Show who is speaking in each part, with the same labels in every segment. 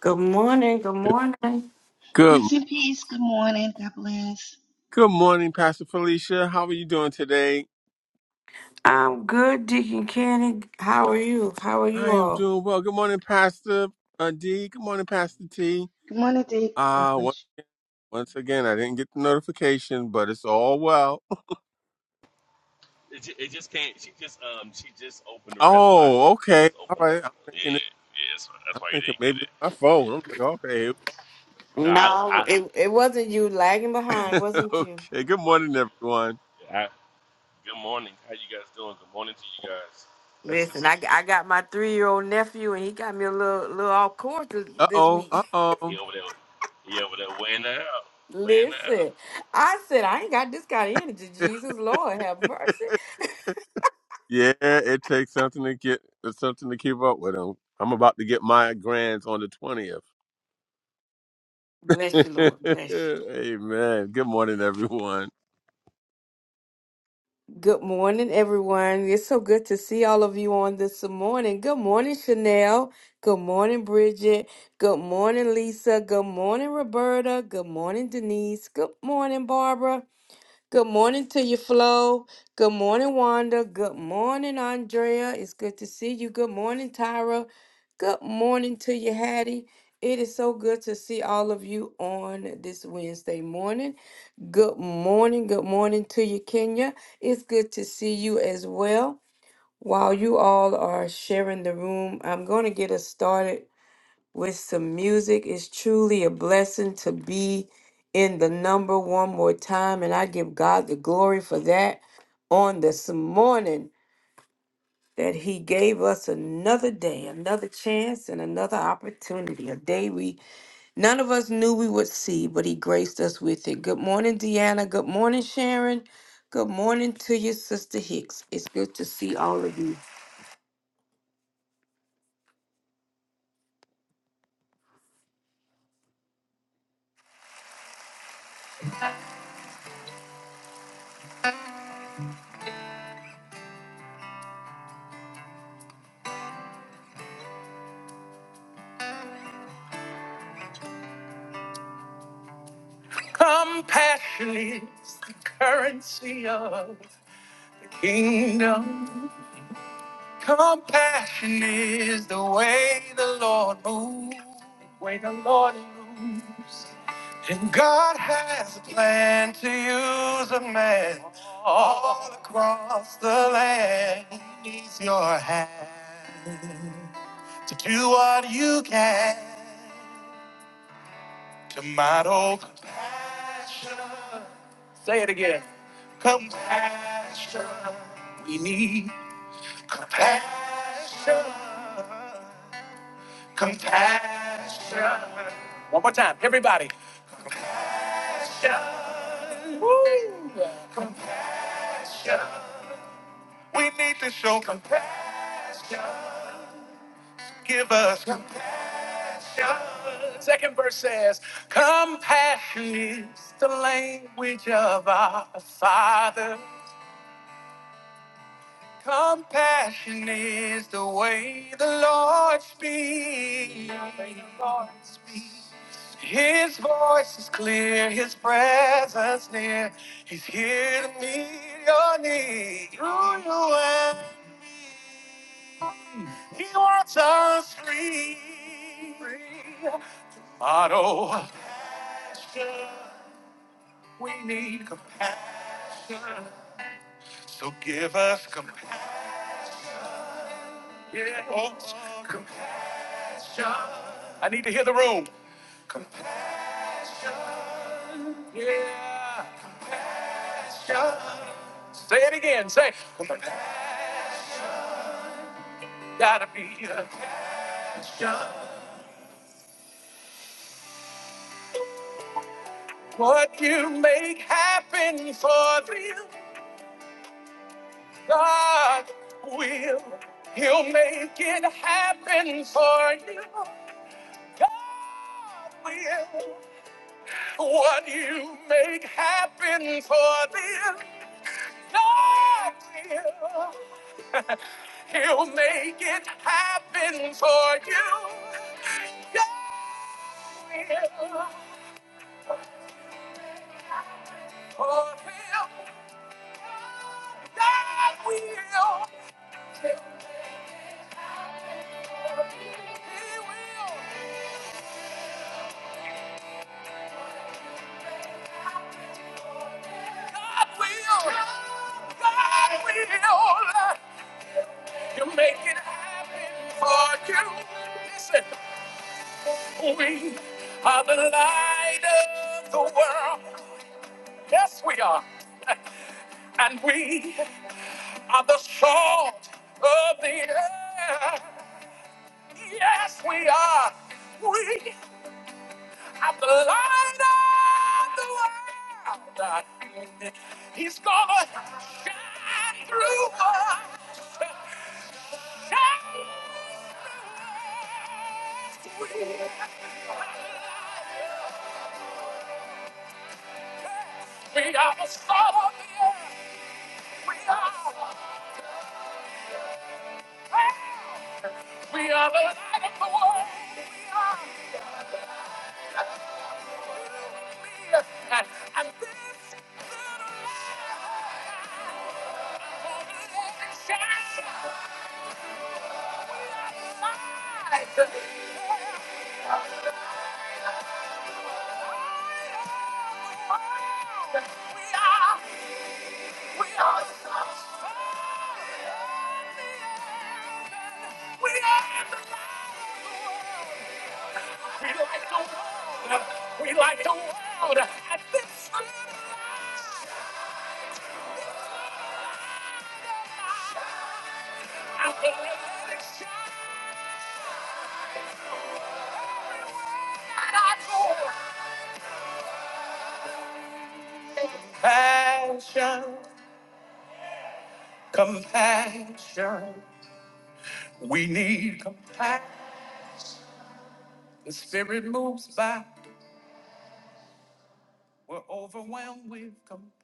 Speaker 1: Good morning. Good morning.
Speaker 2: Good
Speaker 3: Grace and peace. Good morning. God bless.
Speaker 2: good morning, Pastor Felicia. How are you doing today?
Speaker 1: I'm good, Deacon Candy. How are you? How are you
Speaker 2: I am
Speaker 1: all?
Speaker 2: doing well. Good morning, Pastor uh, D. Good morning, Pastor T.
Speaker 3: Good morning, Dee. God
Speaker 2: Uh
Speaker 3: bless
Speaker 2: on-
Speaker 3: you.
Speaker 2: once again, I didn't get the notification, but it's all well.
Speaker 4: It, ju- it just can't. She just um she just opened the. That's why.
Speaker 2: Oh, okay.
Speaker 4: Just
Speaker 2: All
Speaker 4: opened the.
Speaker 2: right. I'm
Speaker 4: Yeah,
Speaker 2: thinking it-
Speaker 4: yeah. yeah That's why, that's
Speaker 2: I'm
Speaker 4: why you
Speaker 2: thinking
Speaker 4: didn't get
Speaker 2: maybe
Speaker 4: it.
Speaker 2: it's my phone. I'm like, okay. here
Speaker 4: Yeah. No, I.
Speaker 1: No,
Speaker 4: I,
Speaker 1: it, it wasn't you lagging behind,
Speaker 2: we-
Speaker 1: wasn't you?
Speaker 2: okay. Good morning,
Speaker 4: well,
Speaker 2: everyone.
Speaker 4: I good morning. How you guys doing? Good morning to you guys. Blessings
Speaker 1: Listen,
Speaker 4: to
Speaker 1: I,
Speaker 4: you.
Speaker 1: I got my three year old nephew, and he got me a little little off course this,
Speaker 2: Uh
Speaker 1: this
Speaker 2: oh. Uh
Speaker 1: week.
Speaker 4: He
Speaker 2: oh.
Speaker 4: over there. He over there weighing that out. Weighing that out.
Speaker 1: Listen, I said I ain't got this kind of energy. Jesus, Lord, have mercy.
Speaker 2: yeah, it takes something to get something to keep up with. I'm, I'm about to get my grands on the twentieth.
Speaker 1: Bless you, Lord. Bless you.
Speaker 2: Amen. Good morning, everyone.
Speaker 1: Good morning, everyone. It's so good to see all of you on this morning. Good morning, Chanel. Good morning, Bridget. Good morning, Lisa. Good morning, Roberta. Good morning, Denise. Good morning, Barbara. Good morning to you, Flo. Good morning, Wanda. Good morning, Andrea. It's good to see you. Good morning, Tyra. Good morning to you, Hattie. It is so good to see all of you on this Wednesday morning. Good morning. Good morning to you, Kenya. It's good to see you as well. While you all are sharing the room, I'm going to get us started with some music. It's truly a blessing to be in the number one more time, and I give God the glory for that on this morning that He gave us another day, another chance, and another opportunity, a day we None of us knew we would see, but he graced us with it. Good morning, Deanna. Good morning, Sharon. Good morning to your sister Hicks. It's good to see all of you. Compassion is the currency of kingdom. Compassion is the way the Lord moves. Way the Lord moves. And God has a plan to use a man all across the land. He needs your hand to do what you can. To model compassion. Say it again. Compassion. We need compassion. Compassion. One more time, everybody. Compassion. Woo. Compassion. We need to show compassion. Give us compassion. Second verse says, Compassion is the language of our Father. Compassion is the way the Lord speaks. His voice is clear, His presence near. He's here to meet your need. Through you and me, He wants us free. Motto. Compassion. We need compassion. So give us compassion. Yeah. Oh, compassion. I need to hear the room. Compassion. Yeah. Compassion. Say it again. Say. Compassion. Gotta be the compassion. What you make happen for them, God will. He'll make it happen for you. God will. What you make happen for them, God will. He'll make it happen for you. God will. For him, God will. He will. God will. God will. You make it happen for you. Listen. We are the light of the world. Yes, we are. And we are the salt of the earth. Yes, we are. We are the light of the world. He's gonna shine through us. Shine through us. We are the light. We are the salt of the earth. We are the power. We are the light of the world. We are the leader. And, and this little light will live and shining We are the light. We are, the light of the world. we are we are the salt. of the earth. We are the light. of the world. We like the world. We like the world. at this speed. I'm gonna let it shine. I know. Compassion, compassion. We need compassion. The spirit moves by. We're overwhelmed with compassion.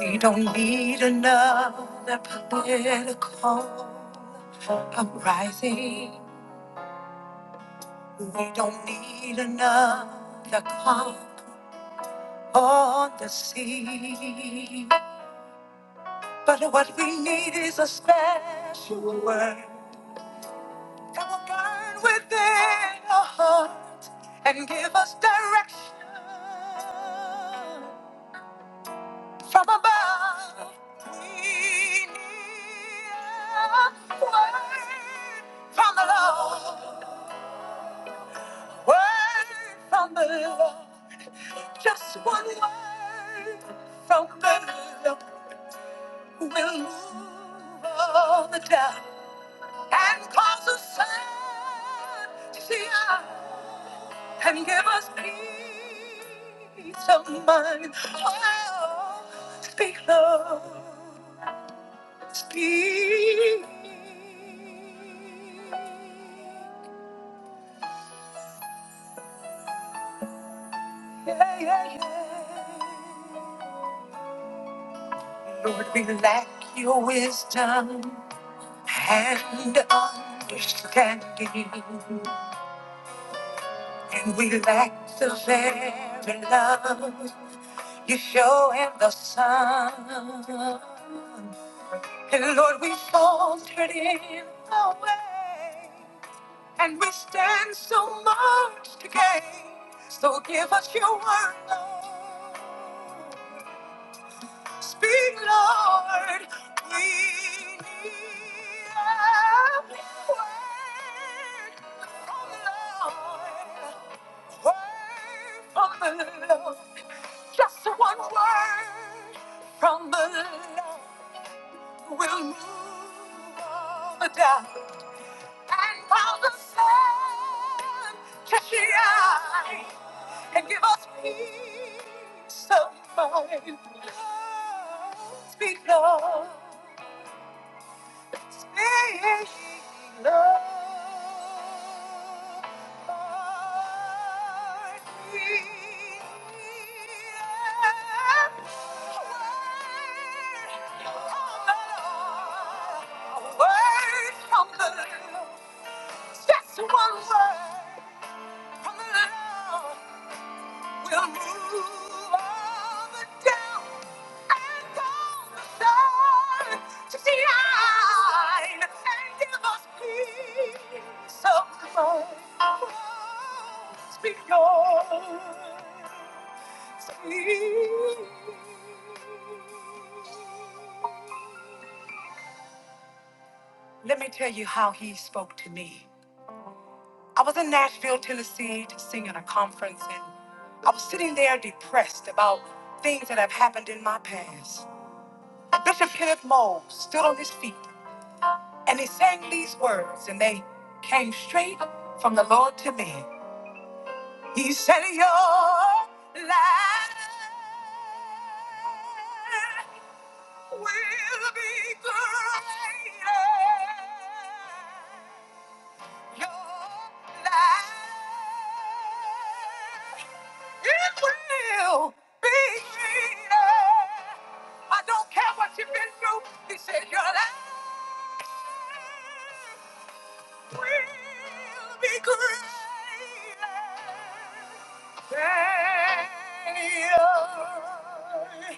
Speaker 1: We don't need another political uprising. We don't need another calm on the sea. But what we need is a special word that will burn within our heart and give us direction. from above. We need a word from the Lord. Word from the Lord. Just one word from the Lord will move all the doubt and cause the sun to see us and give us peace of mind. Oh, speak, Lord, speak. Yeah, yeah, yeah. Lord, we lack your wisdom and understanding. And we lack the very love you show in the sun. And Lord, we faltered in our way. And we stand so much to gain. So give us your word, Lord. Speak, Lord. We need a word from the Lord. Word from the Lord. Just one word from the Lord will move all the doubt and cause the sun to shine and give us peace of mind. Speak love. Speaking of a word from the Lord. Just one word from the Lord. We'll move all the down and call the sun to shine and give us peace of mind. Words beyond speech. Let me tell you how he spoke to me. I was in Nashville, Tennessee to sing at a conference, and I was sitting there depressed about things that have happened in my past. Bishop Kenneth Moore stood on his feet and he sang these words, and they came straight from the Lord to me. He said, Your life will be greater. Your life, it will be I don't care what you've been through. He said your life will be greater than yours.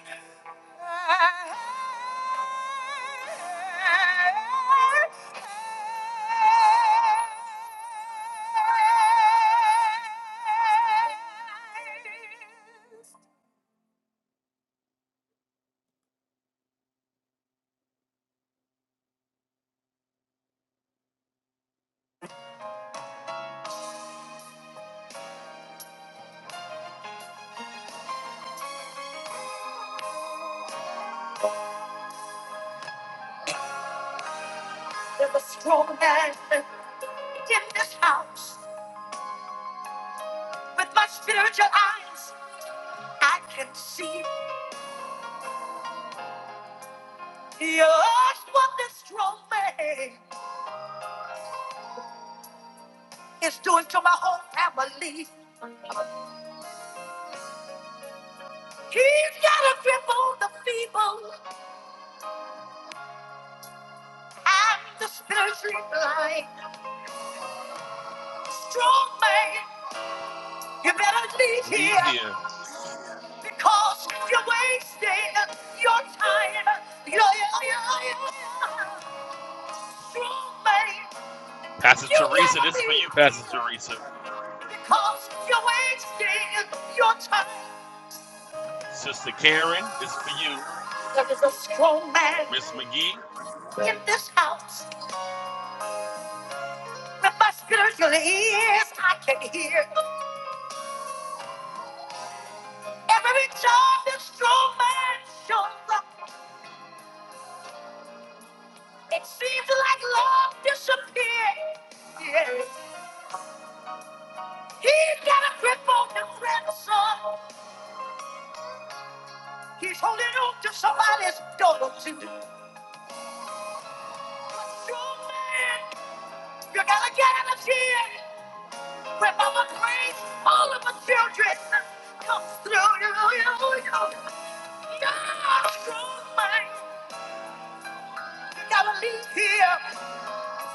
Speaker 1: There's a strong man in this house. With my spiritual eyes, I can see. Yes, what this strong man is doing to my whole family. He's got a grip on the feeble and the spiritually blind. Strong man, you better leave
Speaker 4: Leave
Speaker 1: here
Speaker 4: here.
Speaker 1: because you're wasting your time. Yeah, yeah, yeah, yeah. Strong man,
Speaker 4: Pastor
Speaker 1: you
Speaker 4: Teresa,
Speaker 1: gotta
Speaker 4: this is for you,
Speaker 1: be
Speaker 4: Pastor
Speaker 1: here
Speaker 4: Teresa.
Speaker 1: because you're wasting your time.
Speaker 4: Sister Karen, this is for you.
Speaker 1: There is a strong man
Speaker 4: Miss McGee.
Speaker 1: in this house. The muscular ears, I can hear every job man shows up. It seems like love disappeared. Yeah. He's got a grip on the grandson. He's holding on to somebody's daughter too. Strong man, you gotta get out of here. When mama prays, all of her children come through. You, you, you. You're a strong man. You gotta leave here.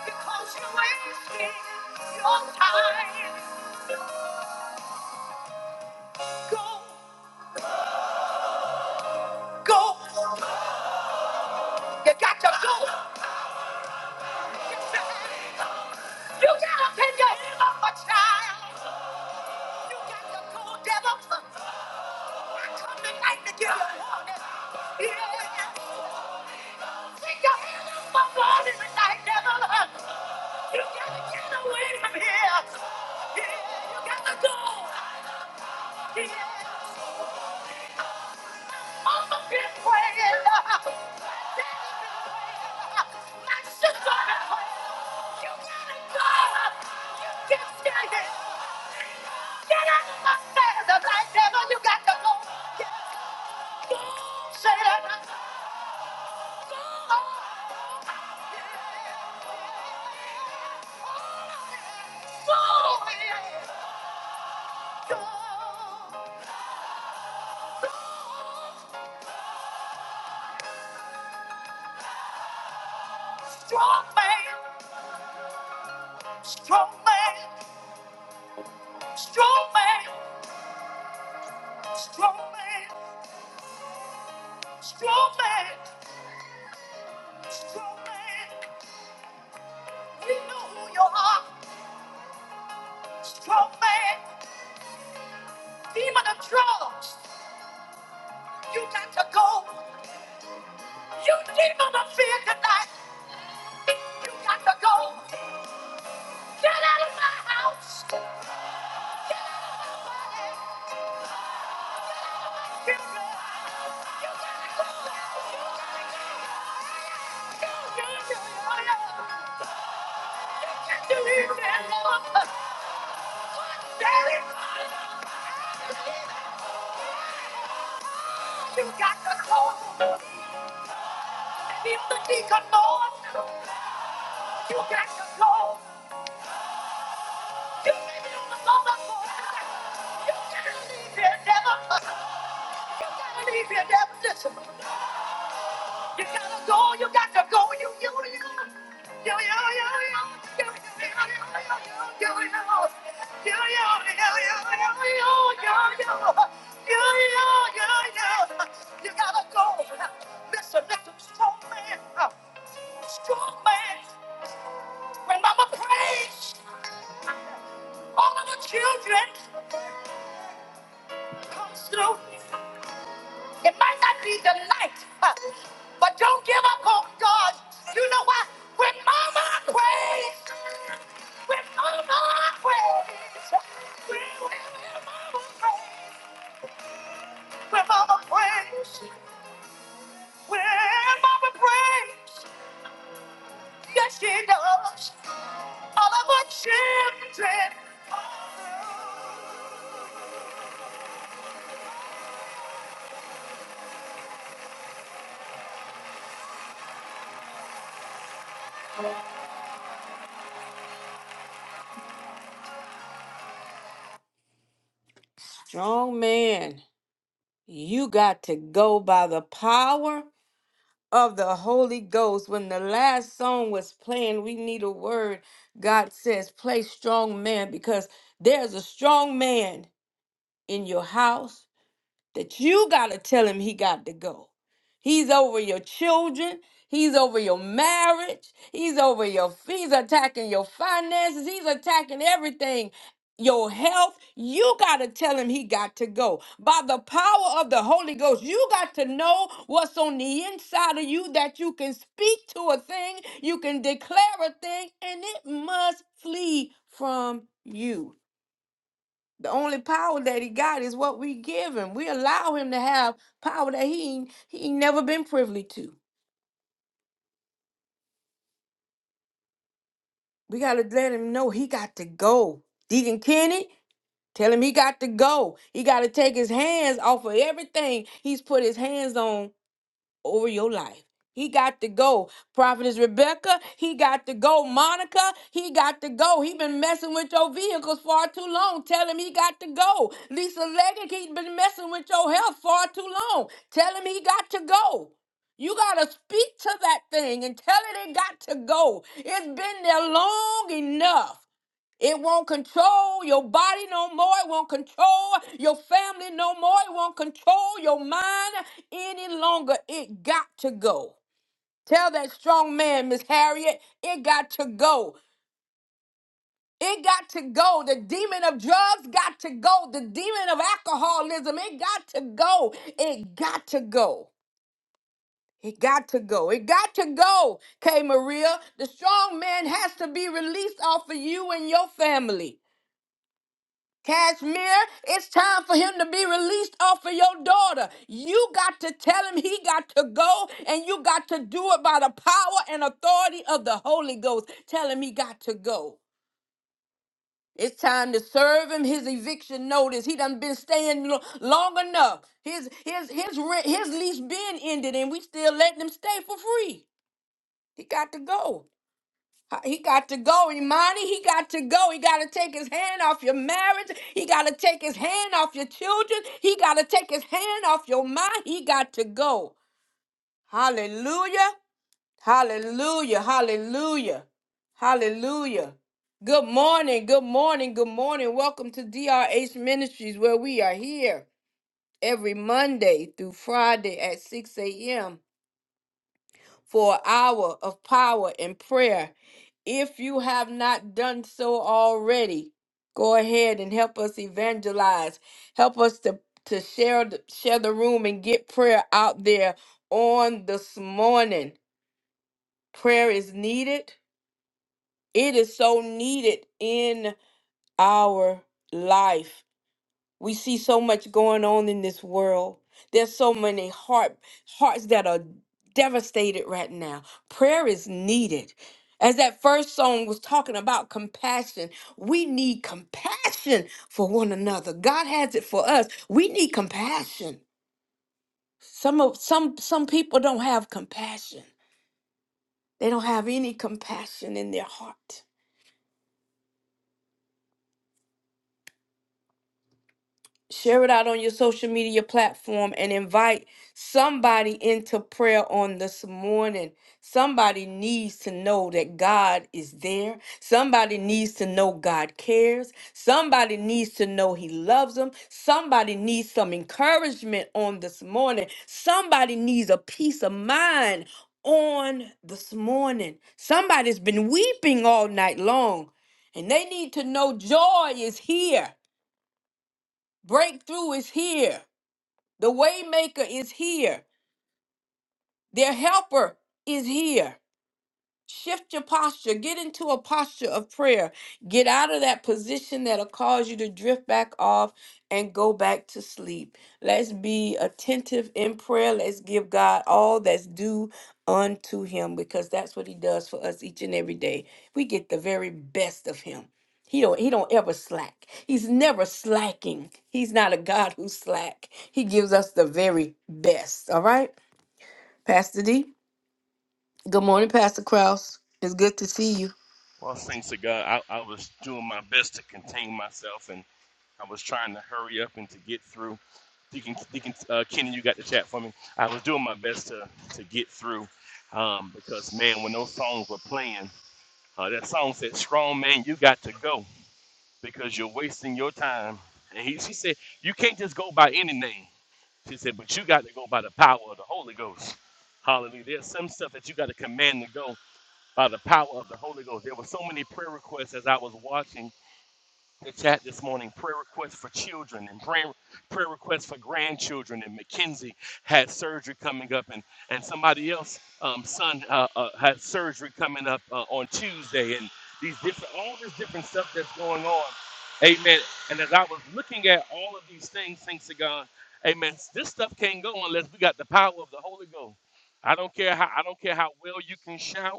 Speaker 1: Because you're wasting your time. Go, go. You got to go. You got to pin your head up, my child. You got to go, devil. I come tonight to give you warning. Yeah. Pick your head up, my body tonight, devil. You got to get away from here. Yeah, you got to go. Yeah. On the fifth way. My sister! You gotta go! You can stand it! Get out of my face! The light devil, you got to go! Go, Satan! Go! Go! Go! Strong man! Strong man! Strong man! Strong man! Strong man! Strong man! We know who you are, strong man, demon of drugs. You got to go. You demon of fear tonight. You got to go. Get out of my house. You got to go. You got to go. Go, go, go, go, go. You got to leave now. Get out of my house. You got to go. Demon of ignorance. You got to go. Listen, listen, strong man. Uh, strong man. When mama prays, all of the children comes through. It might not be the night, huh, but don't give up on God. You know why? When mama prays, when mama prays, when, when, when mama prays, when mama prays, when mama prays, yes she does. All of our children. Strong man, you got to go by the power. of the Holy Ghost. When the last song was playing, we need a word. God says, play strong man because there's a strong man in your house that you got to tell him he got to go. He's over your children. He's over your marriage. He's over your, he's attacking your finances. He's attacking everything. Your health, you got to tell him he got to go. By the power of the Holy Ghost, you got to know what's on the inside of you that you can speak to a thing, you can declare a thing, and it must flee from you. The only power that he got is what we give him. We allow him to have power that he ain't- he ain't never been privy to. We gotta let him know he got to go. Deacon Kenny, tell him he got to go. He gotta take his hands off of everything he's put his hands on over your life. He got to go. Prophetess Rebecca, he got to go. Monica, he got to go. He been messing with your vehicles far too long. Tell him he got to go. Lisa Leggett, he been messing with your health far too long. Tell him he got to go. You gotta speak to that thing and tell it it got to go. It's been there long enough. It won't control your body no more. It won't control your family no more. It won't control your mind any longer. It got to go. Tell that strong man, Miss Harriet, it got to go. It got to go. The demon of drugs got to go. The demon of alcoholism, it got to go. It got to go. It got to go. It got to go, K. Maria. The strong man has to be released off of you and your family. Cashmere, it's time for him to be released off of your daughter. You got to tell him he got to go, and you got to do it by the power and authority of the Holy Ghost. Tell him he got to go. It's time to serve him his eviction notice. He done been staying lo- long enough. His his his rent, his lease been ended, and we still letting him stay for free. He got to go. He got to go, Imani. He got to go. He got to take his hand off your marriage. He got to take his hand off your children. He got to take his hand off your mind. He got to go. Hallelujah. Hallelujah. Hallelujah. Hallelujah. Good morning. Good morning. Good morning. Welcome to DRH Ministries, where we are here every Monday through Friday at 6 a.m for an hour of power and prayer. If you have not done so already, go ahead and help us evangelize. Help us to, to share, the- share the room and get prayer out there on this morning. Prayer is needed, it is so needed in our life. We see so much going on in this world. There's so many heart hearts that are devastated right now. Prayer is needed. As that first song was talking about compassion, we need compassion for one another. God has it for us. We need compassion. Some of some some people don't have compassion. They don't have any compassion in their heart. share it out on your social media platform and invite somebody into prayer on this morning. Somebody needs to know that God is there. Somebody needs to know God cares. Somebody needs to know He loves them. Somebody needs some encouragement on this morning. Somebody needs a peace of mind on this morning. Somebody's been weeping all night long and they need to know joy is here. Breakthrough is here. The waymaker is here. Their helper is here. Shift your posture. Get into a posture of prayer. Get out of that position that'll cause you to drift back off and go back to sleep. Let's be attentive in prayer. Let's give God all that's due unto Him because that's what He does for us each and every day. We get the very best of Him. He don't he don't ever slack. He's never slacking. He's not a God who slack. He gives us the very best. All right? Pastor D. Good morning, Pastor Kraus. It's good to see you.
Speaker 4: Well, thanks to God, I, I was doing my best to contain myself I was trying to hurry up and to get through. Deacon, Deacon uh, Kenny, you got the chat for me. I was doing my best to, to get through um, because, man, when those songs were playing, uh, that song said, Strong Man, you got to go because you're wasting your time. And he, she said, You can't just go by any name. She said, But you got to go by the power of the Holy Ghost. Hallelujah. There's some stuff that you got to command to go by the power of the Holy Ghost. There were so many prayer requests as I was watching the chat this morning prayer requests for children and prayer, prayer requests for grandchildren. And Mackenzie had surgery coming up, and, and somebody else, um, son, uh, uh, had surgery coming up uh, on Tuesday. And these different, all this different stuff that's going on. Amen. And as I was looking at all of these things, thanks to God, amen, this stuff can't go unless we got the power of the Holy Ghost. I don't care how I don't care how well you can shout.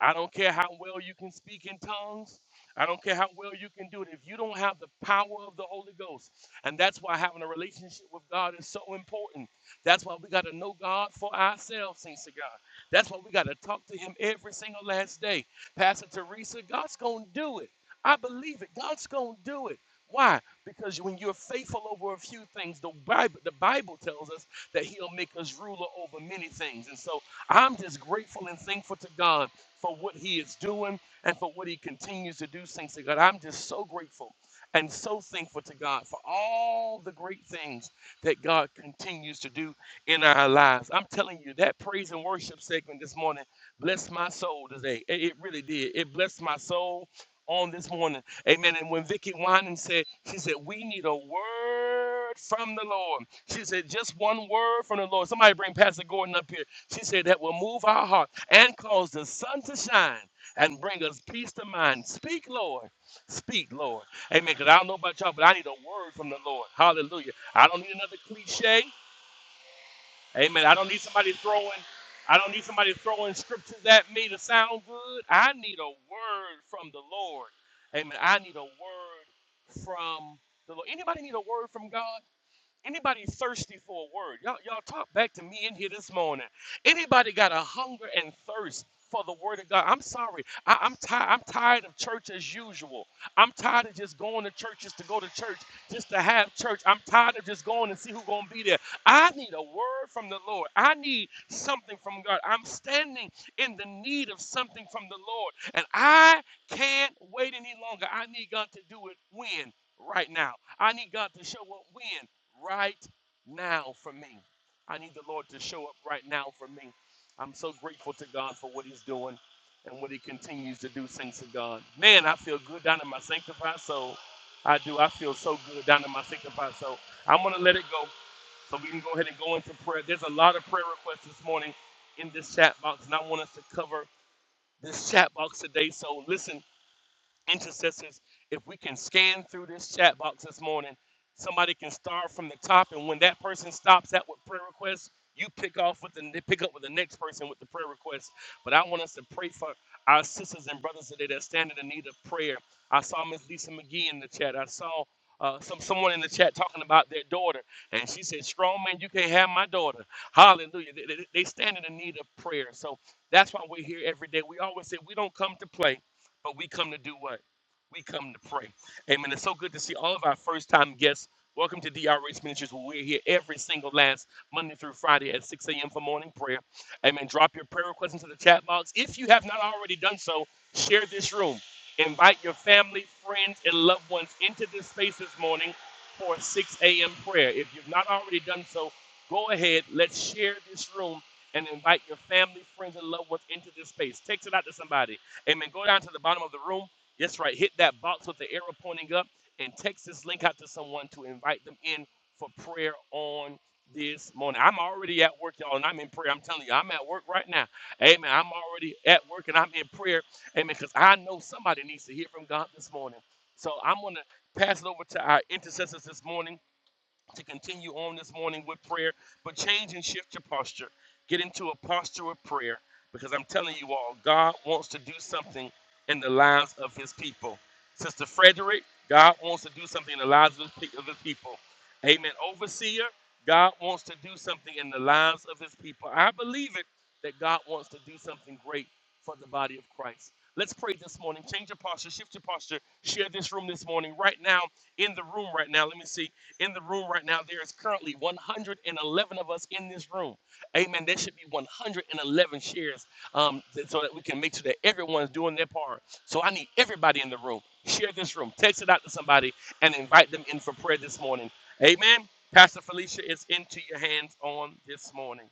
Speaker 4: I don't care how well you can speak in tongues. I don't care how well you can do it. If you don't have the power of the Holy Ghost, and that's why having a relationship with God is so important. That's why we got to know God for ourselves, saints of God. That's why we got to talk to Him every single last day. Pastor Teresa, God's going to do it. I believe it. God's going to do it. Why? Because when you're faithful over a few things, the Bible, the Bible tells us that He'll make us ruler over many things. And so I'm just grateful and thankful to God for what he is doing and for what he continues to do. Thanks to God. I'm just so grateful and so thankful to God for all the great things that God continues to do in our lives. I'm telling you, that praise and worship segment this morning blessed my soul today. It, it really did. It blessed my soul on this morning. Amen. And when Vicky Winan said, she said, we need a word from the Lord. She said, just one word from the Lord. Somebody bring Pastor Gordon up here. She said, that will move our heart and cause the sun to shine and bring us peace to mind. Speak, Lord. Speak, Lord. Amen. Because I don't know about y'all, but I need a word from the Lord. Hallelujah. I don't need another cliche. Amen. I don't need somebody throwing. I don't need somebody throwing scriptures at me to sound good. I need a word from the Lord. Amen. I need a word from the Lord. Anybody need a word from God? Anybody thirsty for a word? Y'all, y'all talk back to me in here this morning. Anybody got a hunger and thirst for the word of God? I'm sorry. I, I'm tired. I'm tired of church as usual. I'm tired of just going to churches to go to church just to have church. I'm tired of just going and see who's gonna be there. I need a word from the Lord. I need something from God. I'm standing in the need of something from the Lord, and I can't wait any longer. I need God to do it when right now. I need God to show up when right now for me. I need the Lord to show up right now for me. I'm so grateful to God for what He's doing and what He continues to do. Thanks to God. Man, I feel good down in my sanctified soul. I do. I feel so good down in my sanctified soul. I'm going to let it go so we can go ahead and go into prayer. There's a lot of prayer requests this morning in this chat box, and I want us to cover this chat box today. So listen intercessors, if we can scan through this chat box this morning, somebody can start from the top, and when that person stops at with prayer requests, you pick off with the pick up with the next person with the prayer request. But I want us to pray for our sisters and brothers today that stand in need of prayer. I saw Miss Lisa McGee in the chat. I saw uh, some someone in the chat talking about their daughter, and she said, "Strong man, you can't have my daughter." Hallelujah! They, they, they stand in need of prayer, so that's why we're here every day. We always say we don't come to play. But we come to do what? We come to pray. Amen. It's so good to see all of our first time guests. Welcome to DR Race Ministries, where we're here every single last Monday through Friday at 6 a.m. for morning prayer. Amen. Drop your prayer requests into the chat box. If you have not already done so, share this room. Invite your family, friends, and loved ones into this space this morning for 6 a.m. prayer. If you've not already done so, go ahead. Let's share this room and invite your family, friends, and loved ones into this space. Text it out to somebody. Amen. Go down to the bottom of the room. Yes, right. Hit that box with the arrow pointing up and text this link out to someone to invite them in for prayer on this morning. I'm already at work, y'all, and I'm in prayer. I'm telling you, I'm at work right now. Amen. I'm already at work and I'm in prayer. Amen. Because I know somebody needs to hear from God this morning. So I'm going to pass it over to our intercessors this morning to continue on this morning with prayer, but change and shift your posture. Get into a posture of prayer because I'm telling you all, God wants to do something in the lives of his people. Sister Frederick, God wants to do something in the lives of his of his people. Amen. Overseer, God wants to do something in the lives of his people. I believe it that God wants to do something great for the body of Christ. Let's pray this morning. Change your posture, shift your posture, share this room this morning. Right now, in the room, right now, let me see in the room right now. There is currently 111 of us in this room. Amen. There should be 111 shares um, th- so that we can make sure that everyone's doing their part. So I need everybody in the room. Share this room, text it out to somebody, and invite them in for prayer this morning. Amen. Pastor Felicia, it's into your hands on this morning.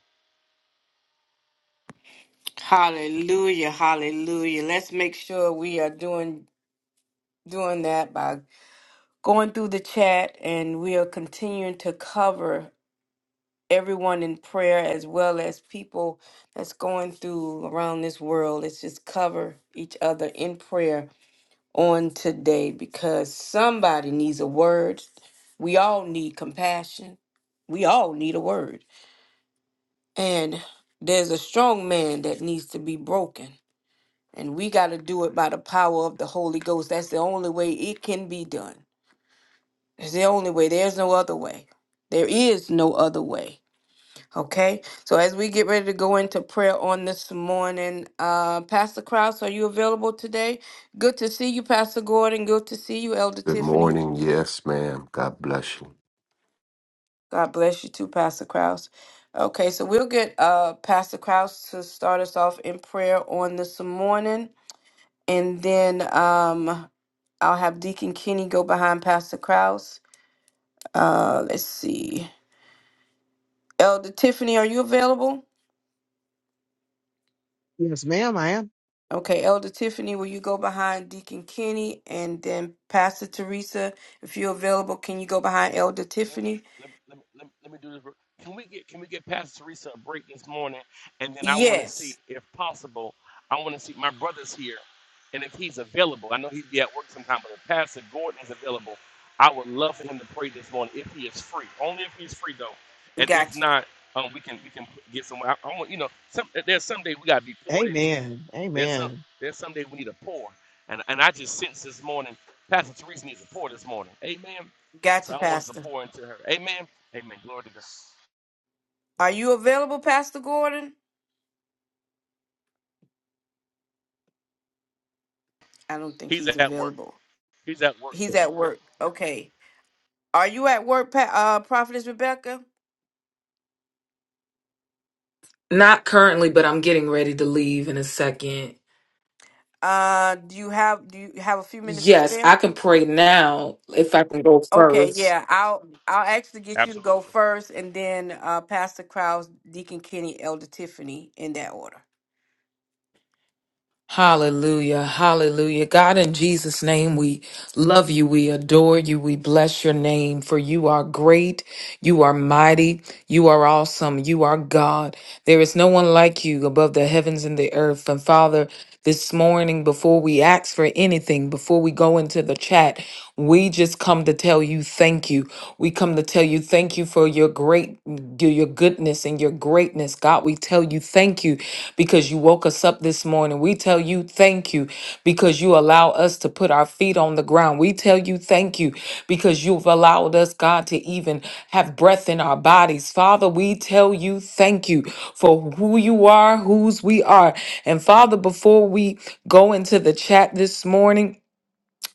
Speaker 1: Hallelujah, hallelujah. Let's make sure we are doing doing that by going through the chat and we are continuing to cover everyone in prayer as well as people that's going through around this world. Let's just cover each other in prayer on today because somebody needs a word. We all need compassion. We all need a word. And there's a strong man that needs to be broken And we got to do it by the power of the Holy Ghost. That's the only way it can be done. It's the only way. There's no other way. There is no other way. Okay? So as we get ready to go into prayer on this morning, uh, Pastor Krause, are you available today? Good to see you, Pastor Gordon. Good to see you, Elder
Speaker 5: Good
Speaker 1: Tiffany.
Speaker 5: morning. Yes, ma'am. God bless you.
Speaker 1: God bless you too, Pastor Krause. Okay, so we'll get uh, Pastor Krause to start us off in prayer on this morning. And then um, I'll have Deacon Kenny go behind Pastor Kraus. Uh, let's see. Elder Tiffany, are you available?
Speaker 6: Yes, ma'am, I am.
Speaker 1: Okay, Elder Tiffany, will you go behind Deacon Kenny? And then Pastor Teresa, if you're available, can you go behind Elder
Speaker 4: Let,
Speaker 1: Tiffany?
Speaker 4: let, let, let, let me do this. Can we get can we get Pastor Teresa a break this morning? And then I want to see,
Speaker 1: Yes.
Speaker 4: if possible, I want to see my brother's here, and if he's available, I know he'd be at work sometime. But if Pastor Gordon is available, I would love for him to pray this morning if he is free. Only if he's free though, and if
Speaker 1: Gotcha.
Speaker 4: not, um, we can we can get someone. I, I want you know, some, there's someday we gotta be poured into.
Speaker 6: Amen.
Speaker 4: There's some
Speaker 6: Amen.
Speaker 4: there's someday we need a pour, and and I just sense this morning, Pastor Teresa needs a pour this morning. Amen. So
Speaker 1: Gotcha,
Speaker 4: I want us to
Speaker 1: Pastor.
Speaker 4: pour into her. Amen. Amen. Glory to God.
Speaker 1: Are you available, Pastor Gordon? I don't think
Speaker 4: He's
Speaker 1: he's
Speaker 4: at work.
Speaker 1: available.
Speaker 4: He's at work.
Speaker 1: He's at
Speaker 4: Yep.
Speaker 1: work.
Speaker 4: Yep.
Speaker 1: Okay. Are you at work, pa- uh, Prophetess Rebecca?
Speaker 7: Not currently, but I'm getting ready to leave in a second.
Speaker 1: Uh, do you have do you have a few minutes to
Speaker 7: Yes,
Speaker 1: spare?
Speaker 7: I can pray now if I can go
Speaker 1: Okay,
Speaker 7: first.
Speaker 1: yeah, I'll I'll actually get you to go
Speaker 4: Absolutely.
Speaker 1: first, and then uh, Pastor Krause, Deacon Kenny, Elder Tiffany, in that order.
Speaker 7: Hallelujah. Hallelujah. God, in Jesus' name, we love you. We adore you. We bless your name, for you are great. You are mighty. You are awesome. You are God. There is no one like you above the heavens and the earth. And Father, this morning, before we ask for anything, before we go into the chat, we just come to tell you thank you. We come to tell you thank you for your great your your goodness and your greatness. God, we tell you thank you because you woke us up this morning. We tell you thank you because you allow us to put our feet on the ground. We tell you thank you because you've allowed us, God, to even have breath in our bodies. Father, we tell you thank you for who you are, whose we are. And Father, before we go into the chat this morning,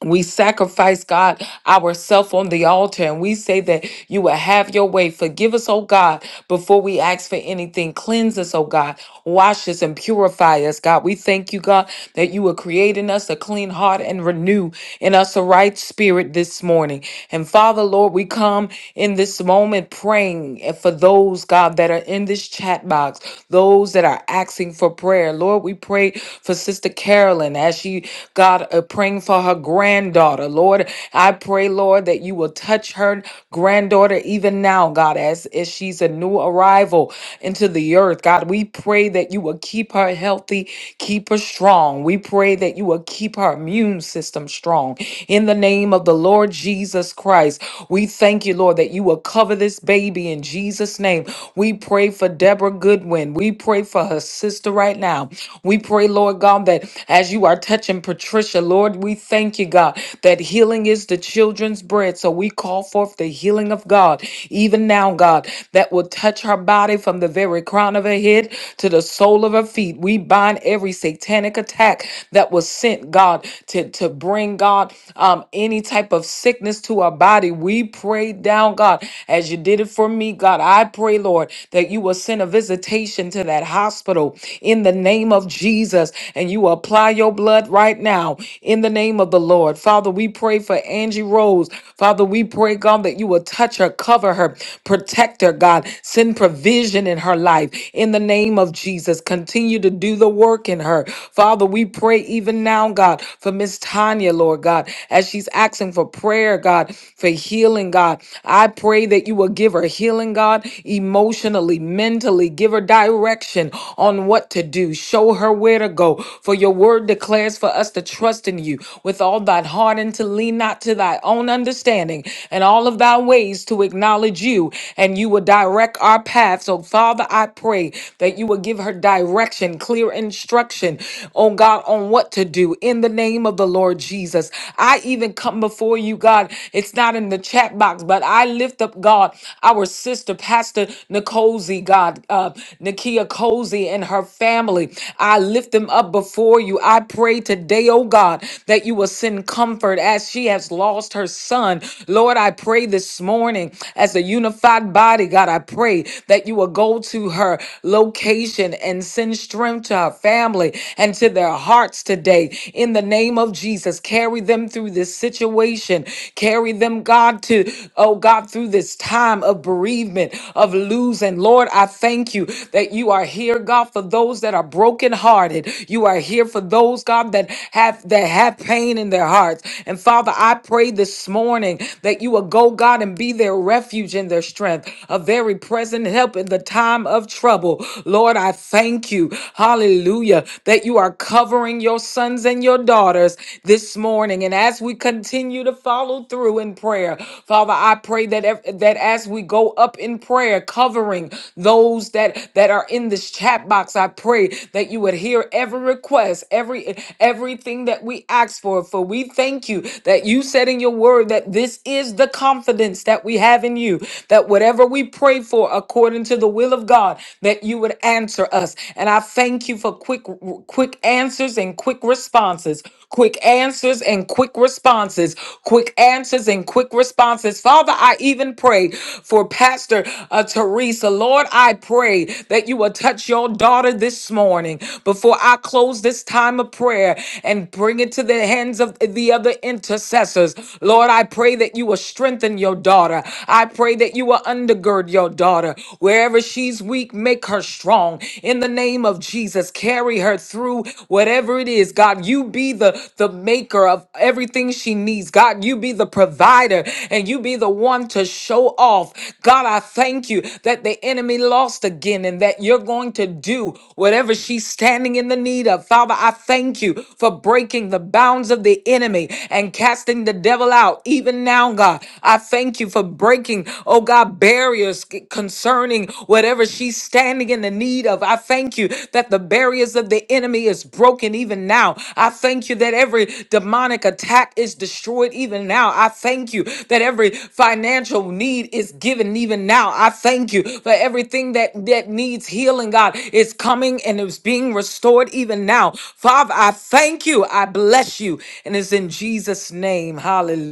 Speaker 7: we sacrifice god ourself on the altar and we say that you will have your way forgive us oh god before we ask for anything cleanse us oh god wash us and purify us god we thank you god that you are creating us a clean heart and renew in us a right spirit this morning and father lord we come in this moment praying for those god that are in this chat box those that are asking for prayer lord we pray for sister carol Maryland, as she, God, uh, praying for her granddaughter. Lord, I pray, Lord, that you will touch her granddaughter even now, God, as, as she's a new arrival into the earth. God, we pray that you will keep her healthy, keep her strong. We pray that you will keep her immune system strong. In the name of the Lord Jesus Christ, we thank you, Lord, that you will cover this baby in Jesus' name. We pray for Deborah Goodwin. We pray for her sister sister right now. We pray, Lord God, that as you are touching Patricia, Lord, we thank you, God, that healing is the children's bread. So we call forth the healing of God, even now, God, that will touch her body from the very crown of her head to the sole of her feet. We bind every satanic attack that was sent, God, to, to bring, God, um, any type of sickness to our body. We pray down, God, as you did it for me, God. I pray, Lord, that you you will send a visitation to that hospital in the name of Jesus and you apply your blood right now in the name of the Lord. Father, we pray for Angie Rose. Father, we pray, God, that you will touch her, cover her, protect her, God. Send provision in her life in the name of Jesus. Continue to do the work in her. Father, we pray even now, God, for Miss Tanya, Lord God, as she's asking for prayer, God, for healing, God. I pray that you that you will give her healing, God, emotionally, mentally. Give her direction on what to do. Show her where to go. For your word declares for us to trust in you with all thy heart and to lean not to thy own understanding and all of thy ways to acknowledge you and you will direct our path. So, Father, I pray that you will give her direction, clear instruction, oh God, on what to do in the name of the Lord Jesus. I even come before you, God, it's not in the chat box, but I lift up God, our sister, Pastor Nicole God, uh, Nakia Cozy and her family. I lift them up before you. I pray today, oh God, that you will send comfort as she has lost her son. Lord, I pray this morning as a unified body, God, I pray that you will go to her location and send strength to her family and to their hearts today. In the name of Jesus, Jesus. Carry them through this situation. Carry them, God, to, oh God, through this time of bereavement, of losing. Lord, I thank you that you are here, God, for those that are brokenhearted. You are here for those, God, that have that have pain in their hearts. And Father, I pray this morning that you will go, God, and be their refuge and their strength, a very present help in the time of trouble. Lord, I thank you. Hallelujah. That you are covering your sons and your daughters this morning. And as we continue to follow through in prayer, Father, I pray that ev- that as we go up in prayer, covering those that that are in this chat box, I pray that you would hear every request, every everything that we ask for. For we thank you that you said in your word that this is the confidence that we have in you, that whatever we pray for according to the will of God, that you would answer us us. And I thank you for quick quick answers and quick responses. Quick answers and quick responses. Quick answers and quick responses. Father, I even pray for Pastor uh, Teresa. Lord, I pray that you will touch your daughter this morning before I close this time of prayer and bring it to the hands of the other intercessors. Lord, I pray that you will strengthen your daughter. I pray that you will undergird your daughter Wherever she's weak, make her strong. In the name of Jesus, carry her through whatever it is. God, you be the, the maker of everything she needs. God, you be the provider and you be the one to show off. God, I thank you that the enemy lost again and that you're going to do whatever she's standing in the need of. Father, I thank you for breaking the bounds of the enemy and casting the devil out. Even now, God, I thank you for breaking breaking, oh God, barriers concerning whatever she's standing in the need of. I thank you that the barriers of the enemy is broken even now. I thank you that every demonic attack is destroyed even now. I thank you that every financial need is given even now. I thank you for everything that, that needs healing, God, is coming and is being restored even now. Father, I thank you. I bless you. And it's in Jesus' name. Hallelujah.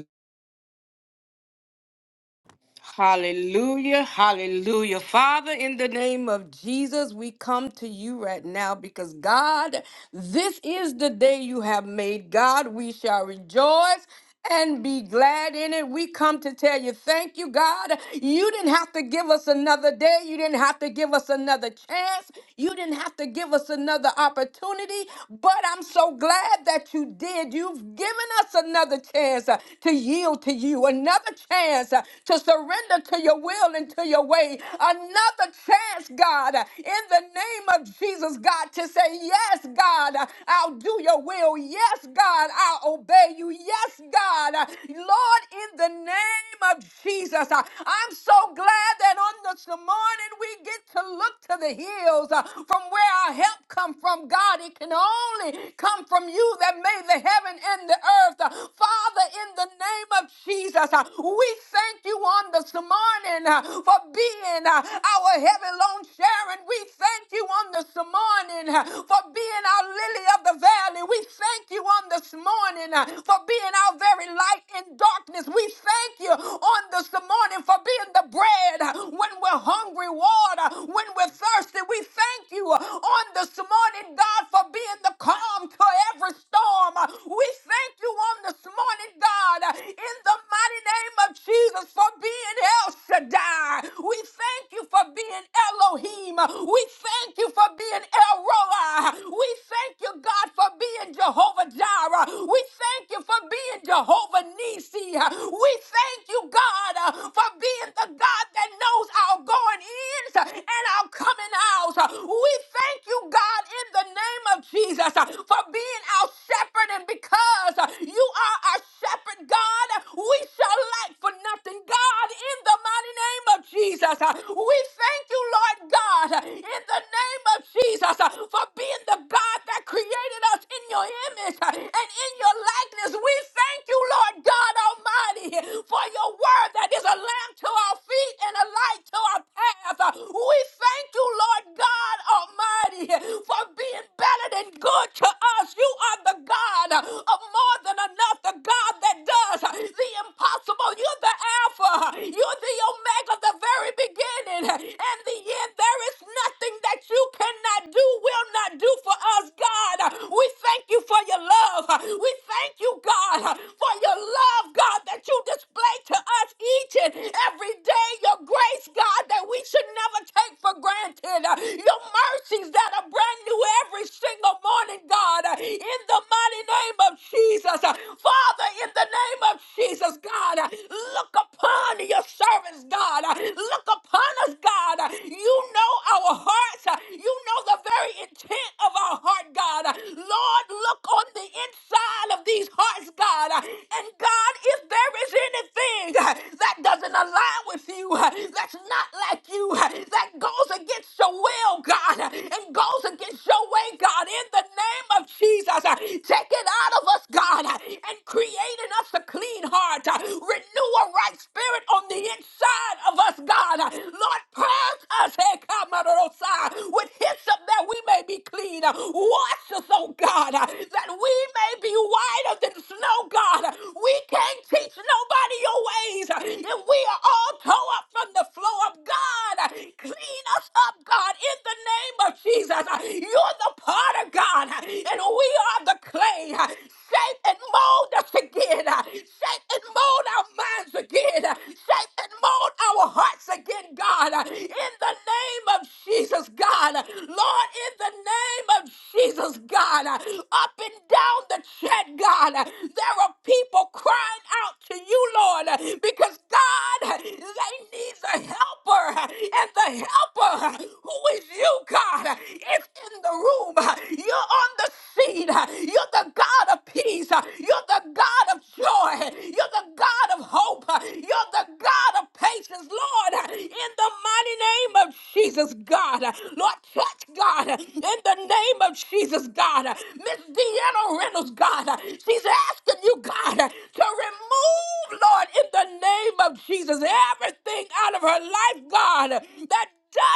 Speaker 1: Hallelujah, hallelujah. Father, in the name of Jesus, we come to you right now because God, this is the day you have made. God, we shall rejoice and be glad in it. We come to tell you, thank you, God. You didn't have to give us another day. You didn't have to give us another chance. You didn't have to give us another opportunity. But I'm so glad that you did. You've given us another chance uh, to yield to you, another chance uh, to surrender to your will and to your way, another chance, God, uh, in the name of Jesus, God, to say, Yes, God, uh, I'll do your will will. Yes, God, I obey you. Yes, God. Uh, Lord, in the name of Jesus, uh, I'm so glad that on this morning we get to look to the hills uh, from where our help come from. God, it can only come from you that made the heaven and the earth. Uh, Father, in the name of Jesus, uh, we thank you on this morning uh, for being uh, our heavy loan sharing. We thank you on this morning morning uh, for being our lily of the valley. We thank you on this morning uh, for being our very light in darkness. We thank you on this morning for being the bread uh, when we're hungry, water when we're thirsty. We thank you uh, on this morning, God, for being the calm to every storm. Uh, We thank you on this morning, God, uh, in the mighty name of Jesus for being El Shaddai. We thank you for for being Elohim. We thank you for being El Roi. We thank you, God, for being Jehovah Jireh. We thank you for being Jehovah Nisi. We thank you, God, uh, for being the God that knows our going ins and our coming outs. We thank you, God, in the name of Jesus, uh, for being our shepherd. And because uh, you are our shepherd, God, we shall lack for nothing, God, in the mighty name of Jesus. Uh, We thank you, Lord God, uh, in the name of Jesus, uh, for being the God that created us in your image uh, and in your likeness. We thank you, Lord God Almighty, for your word that is a lamp to our feet and a light to our path. Uh, We thank you, Lord God Almighty, for being better than good to us. You are the God of more than enough, the God that does uh, the impossible. You're the Alpha, you're the Omega, the very beginning and the end. There is nothing that you cannot do, will not do for us, God. We thank you for your love. We thank you, God, for your love, God, that you display to us each and every day. Your grace, God, that we should never take for granted. Your mercies that are brand new every single morning, God in the mighty name of Jesus. uh, Father, in the name of Jesus, God, uh, look upon your servants, God. uh, Look upon us, God. uh, You know our hearts. uh, You know the very intent of our heart, God. uh, Lord, look on the inside of these hearts, God. uh, And God, if there is anything uh, that doesn't align with you, uh, that's not like you, uh, that goes against your will, God, uh, and goes against your way, God, in the name of Jesus. Uh, Take it out of us, God, uh, and create in us a clean heart. Uh, Renew a right spirit on the inside of us, God. Uh, Lord, purge us, eh, Kamarosa, with hyssop that we may be clean. Uh, Wash us, oh God, uh, that we may be whiter than snow, God. Uh, We can't teach nobody your ways. Uh, If we are all tore up from the flow of God, uh, clean us up, God, in the name name of Jesus, uh, you're the potter, God, uh, and we are the clay. uh, Shape and mold us again. uh, Shape and mold our minds again. uh, Shape and mold our hearts again, God, uh, in the name name of Jesus, God. Lord, in the name of Jesus, God. Up and down the chat, God. There are people crying out to you, Lord, because God, they need the helper. And the helper, who is you, God, is in the room. You're on the scene. You're the God of peace. You're the God of joy. You're the God of hope. You're the God of patience, Lord. Lord, in the mighty name of Jesus, God. Lord, touch God in the name of Jesus, God. Miss Deanna Reynolds, God, she's asking you, God, to remove, Lord, in the name of Jesus, everything out of her life, God, that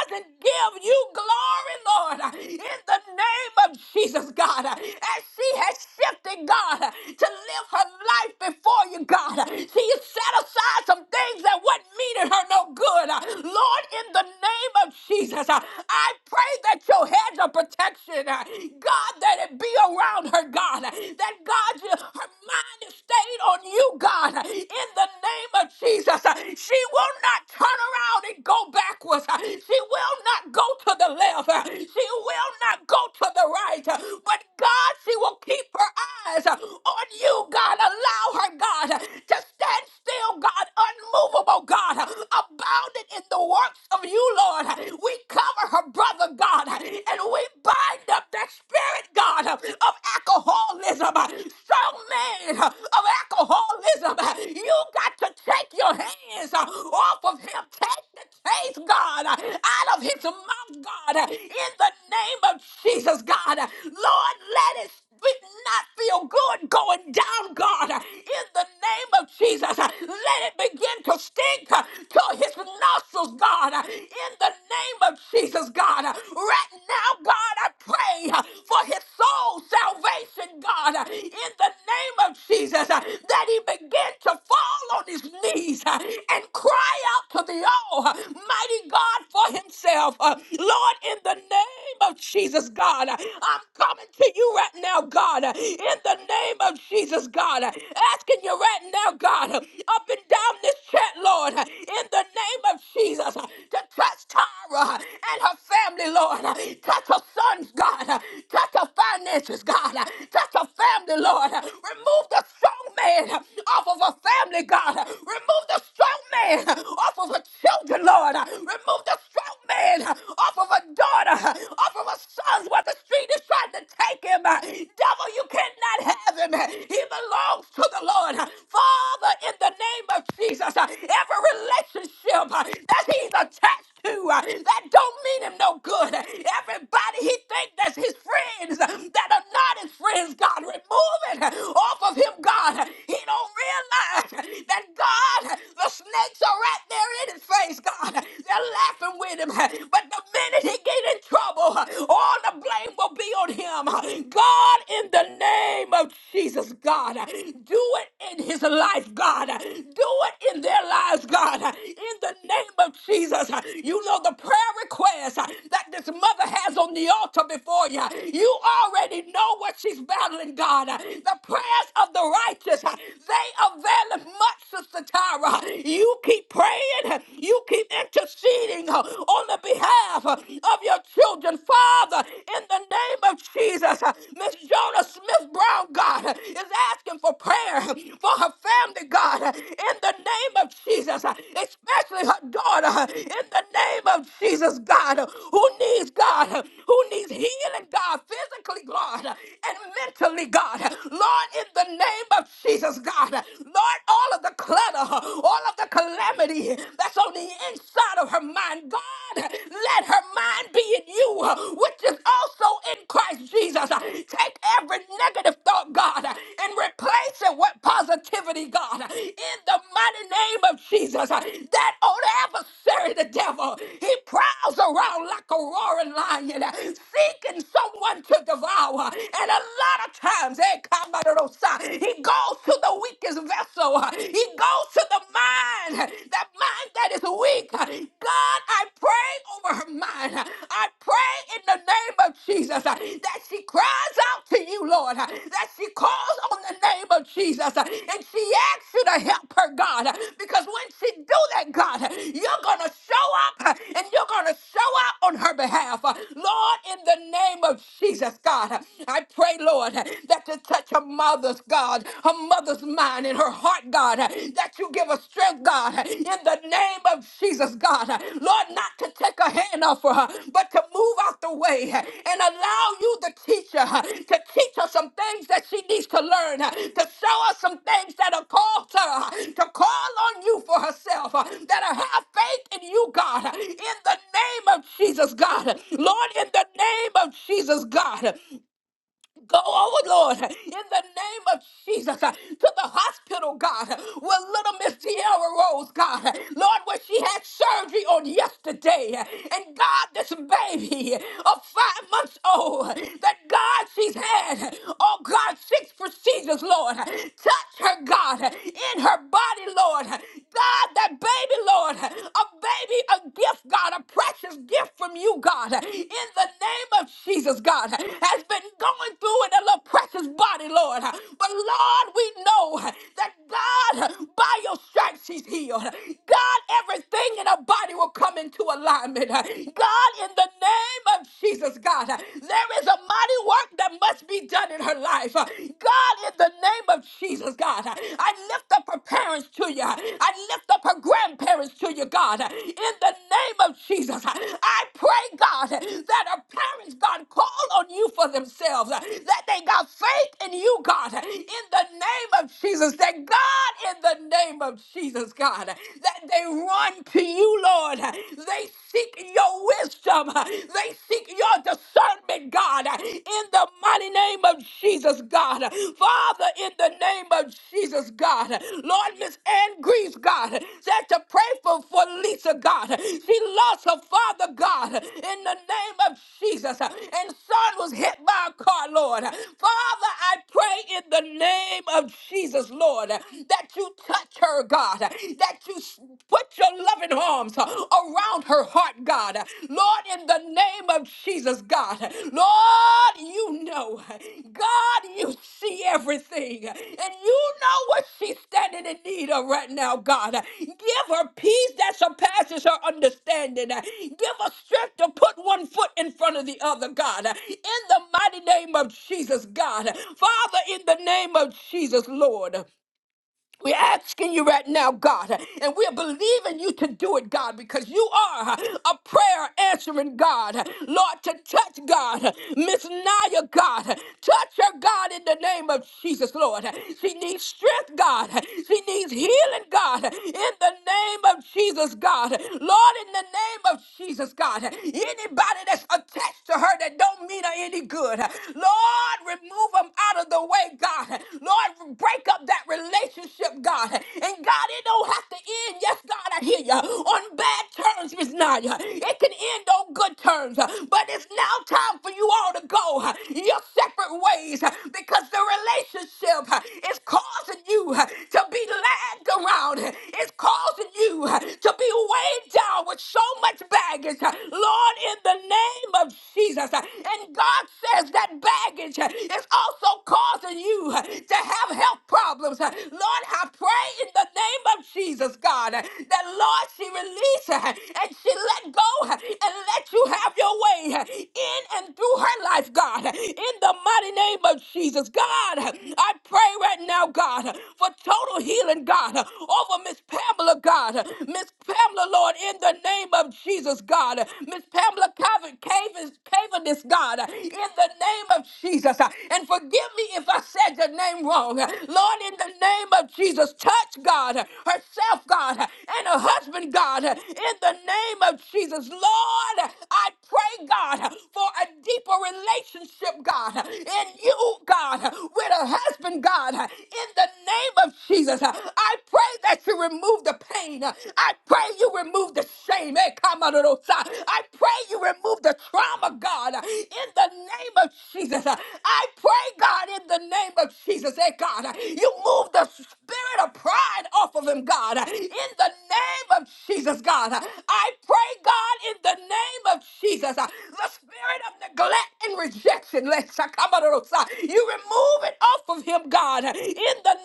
Speaker 1: doesn't give you glory, Lord, in the name of Jesus, God. As she has shifted, God, to live her life before you, God, she is set aside aside some things that wasn't meaning her no good. Uh, Lord, in the name of Jesus, uh, I pray that your hedge of protection, uh, God, that it be around her, God, uh, that God, you- her mind is stayed on you, God, uh, in the name of Jesus. uh, She will not turn around and go backwards. uh, She will not go to the left. uh, She will not go to the right. uh, But God, she will keep her eyes uh, on you, God. Allow her anchored, God, to stand still, God, unmovable, God, abounded in the works of you, Lord. We cover her brother, God, and we bind up that spirit, God, of alcoholism, strong man of alcoholism. You got to take your hands off of him. Take the taste, God, out of his mouth mouth, God, uh, in the name of Jesus, God. Lord, let it be not feel good going down, God, in the name of Jesus. Let it begin to stink uh, to his nostrils, God, uh, in the name of Jesus, God. Right now, God, I pray uh, for his soul salvation, God, uh, in the name of Jesus, uh, that he begin to fall on his knees uh, and cry out to the all know, uh, mighty God for himself. Uh, Lord, in the name of Jesus, God, uh, I'm coming to you right now, God, uh, in the name of Jesus, God, uh, asking you right now, God, uh, up and down this chat, Lord, uh, in the name of Jesus, uh, to touch Tara uh, and her family, Lord, uh, touch her sons, God, uh, touch her finances, God, uh, touch her family, Lord, uh, remove the strong man uh, off of her family, God, uh, remove the strong man uh, off of her children, Lord. Uh, Remove the strong man uh, off of her daughter, uh, off of her sons, where the street is trying to take him. Uh, Devil, you cannot have him. Uh, He belongs to the Lord. Uh, Father, in the name of Jesus, uh, every relationship uh, that he's attached to uh, that don't mean him no good. Uh, Everybody he thinks that's his friends uh, that are not his friends, God, remove it uh, off of him, God. Uh, He don't realize that God. God. The snakes are right there in his face, God. They're laughing with him. But the minute he get in trouble, all the blame will be on him. God, in the name of Jesus, God, do it in his life, God. Do it in their lives, God. In the name of Jesus, you know the prayer request that this mother has on the altar before you. You already know what she's battling, God. The prayers of the righteous, they avail availeth much, Sister Tyra. You keep praying, you keep interceding uh, on the behalf uh, of your children, Father, in the name of Jesus. uh, Miss Jonah Smith Brown, God, uh, is asking for prayer uh, for her family, God, uh, in the name of Jesus, uh, especially her daughter, uh, in the name of Jesus, God, uh, who needs God, uh, who needs healing, God, physically, Lord, and mentally, God. Lord, in the name of Jesus, God. Lord, all of the clutter, all of the calamity that's on the inside of her mind, God, let her mind be in you, which is also in Christ Jesus. Take every negative thought, God, and replace it with positivity, God. In the mighty name name of Jesus, uh, that old adversary, the devil, he prowls around like a roaring lion, uh, seeking someone to devour. And a lot of times, eh, Kamarosa, he goes to the weakest vessel, uh, he goes to the mind that mind that is weak. God, I pray over her mind. I pray in the name of Jesus uh, that she cries out to you, Lord, uh, that she calls on the name of Jesus uh, and she asks you to help her, God, uh, because when she do that, God, uh, you're going to show up uh, and you're going to show out on her behalf. Uh, Lord, in the name of Jesus, God, uh, I pray, Lord, uh, that you touch her mother's God, her mother's mother's mind, in her heart, God, that you give her strength, God, in the name of Jesus, God. Lord, not to take a hand off of her, but to move out the way and allow you, the teacher, to teach her some things that she needs to learn, to show her some things that are called to her, to call on you for herself, that I have faith in you, God, in the name of Jesus, God. Lord, in the name of Jesus, God. Go over, Lord, in the name of Jesus, uh, to the hospital, God, uh, where little Miss Tierra Rose, God, uh, Lord, where she had surgery on yesterday. uh, And God, this baby of five months old, uh, that God, she's had, uh, oh God, six procedures, Lord. uh, Touch her, God, uh, in her body, Lord. uh, God, that baby, Lord, uh, a baby, a gift, God, a precious gift from you, God, in the name of Jesus, God, has been going through in a little precious body, Lord. But Lord, we know that God, by your stripes, she's healed. God, everything in her body will come into alignment. God, in the name of Jesus, God, there is a mighty work that must be done in her life. God, in the name of Jesus, God, I lift lift up her parents to you. I lift up her grandparents to you, God. In the name of Jesus, I pray, God, that her parents, God, call on you for themselves, that they got faith in you, God. In the name of Jesus, that God, in the name of Jesus, God, that they run to you, Lord. They seek your wisdom, they seek your discernment, God. In in the mighty name of Jesus, God. Father, in the name of Jesus, God. Lord, Miss Ann Greaves, God, said to pray for, for Lisa, God. She lost her father, God, in the name of Jesus. And son was hit by a car, Lord. Father, I pray in the name of Jesus, Lord, that you touch her, God, that you s- put your loving arms around around her heart, God. Lord, in the name of Jesus, God. Lord, you know. God, you see everything. And you know what she's standing in need of right now, God. Give her peace that surpasses her understanding. Give her strength to put one foot in front of the other, God. In the mighty name of Jesus, God. Father, in the name of Jesus, Lord. We're asking you right now, God, and we're believing you to do it, God, because you are a prayer answering God. Lord, to touch God, Miss Naya, God, touch her, God, in the name of Jesus, Lord. She needs strength, God. She needs healing, God, in the name of Jesus, God. Lord, in the name of Jesus, God, anybody that's attached to her that don't mean her any good, Lord, remove them out of the way, God. Lord, break up that relationship, God. And God, it don't have to end. Yes, God, I hear you. On bad terms, Miss Naya. It can end on good terms. But it's now time for you all to go your separate ways because the relationship is causing you to be lagged around. It's causing you to be weighed down with so much baggage. Lord, in the name of Jesus. And God says because that baggage uh, is also causing you uh, to have health problems. Uh, Lord, I pray in the name of Jesus, God, uh, that Lord, she release uh, and she let go uh, and let you have your way uh, in and through her life, God, uh, in the mighty name of Jesus. God, uh, I pray right now, God, uh, for total healing, God, uh, over Miss Pamela, God. uh, Miss Pamela, Lord, in the name of Jesus, God. uh, Miss Pamela Cavett, Cavens, wilderness, God, in the name of Jesus. And forgive me if I said strong. Lord, in the name of Jesus, touch God, herself, God, and her husband, God, in the name of Jesus. Lord, I pray, God, for a deeper relationship, God, in you, God, with her husband, God, in the name of Jesus. I pray that you remove the pain. I pray you remove the shame. Eh, come on, Lord. I pray you remove the trauma, God, in the name of Jesus. I pray, God, in the name of Jesus, hey God, you move the spirit of pride off of him, God, in the name of Jesus, God. I pray, God, in the name of Jesus, the spirit of neglect and rejection, let Shakamarosa, you remove it off of him, God, in the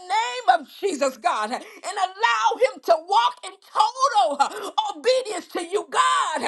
Speaker 1: name of Jesus, God, and allow him to walk in total obedience to you, God.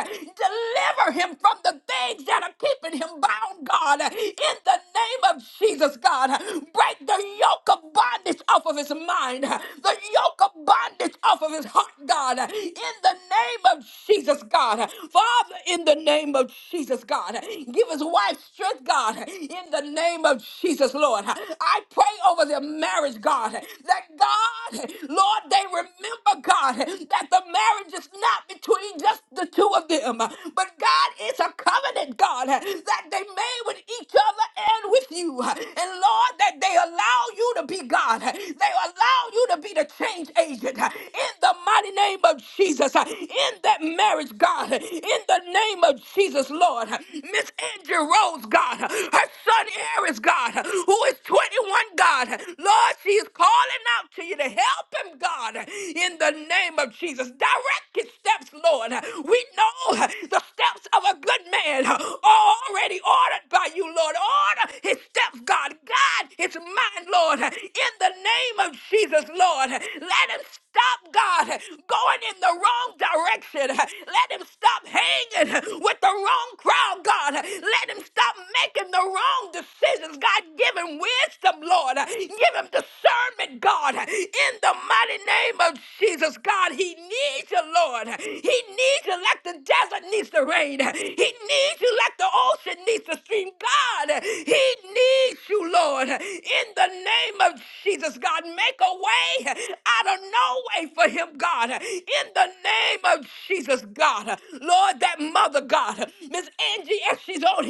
Speaker 1: Deliver him from the things that are that are keeping him bound, God. In the name of Jesus, God, break the yoke of bondage off of his mind, the yoke of bondage off of his heart, God. In the name of Jesus, God. Father, in the name of Jesus, God, give his wife strength, God. In the name of Jesus, Lord, I pray over their marriage, God, that God, Lord, they remember, God, that the marriage is not between just the two two of them. But God is a covenant God that they made with each other and with you. And Lord, that they allow you to be God. They allow you to be the change agent in the mighty name of Jesus. In that marriage, God, in the name of Jesus, Lord. Miss Andrew Rose, God, her son Aries, God, who is 21, God. Lord, she is calling out to you to help him, God, in the name of Jesus. Jesus. Direct his steps, Lord. We know the steps of a good man are already ordered by you, Lord. Order his steps, God. Guide his mind, Lord. In the name of Jesus, Lord. Let him stop, God, going in the wrong direction. Let him stop hanging with the wrong crowd, God. Let him stop making the wrong decisions. God, give him wisdom, Lord. Give him discernment, God. In the name of Jesus, your Lord. He doesn't God, in the name of Jesus, God, make a way out of no way for him, God, in the name of Jesus, God, Lord, Miss Ann, yes, she's only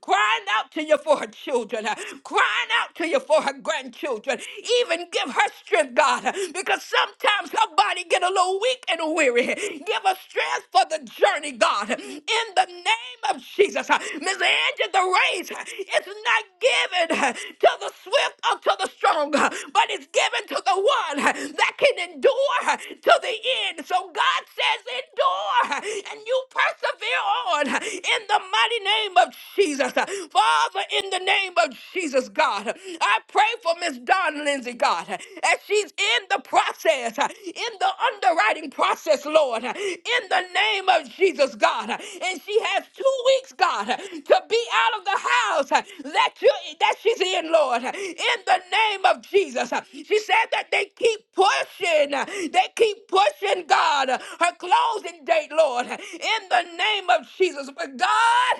Speaker 1: crying out to you for her children. I'm crying out to you for her grandchildren. Even give her strength, God, because sometimes her body get a little weak and weary. Give her strength for the journey, God. In the name of Jesus, Miss Angie, the race is not given to the swift or to the strong, but it's given to the one that can endure to the end. So God says, endure, and you persevere on in the mighty name of Jesus. For Father, in the name of Jesus, God, I pray for Miss Don Lindsay, God, as she's in the process, in the underwriting process, Lord, in the name of Jesus, God, and she has two weeks, God, to be out of the house that you that she's in, Lord, in the name of Jesus. She said that they keep pushing, they keep pushing, God, her closing date, Lord, in the name of Jesus. But God.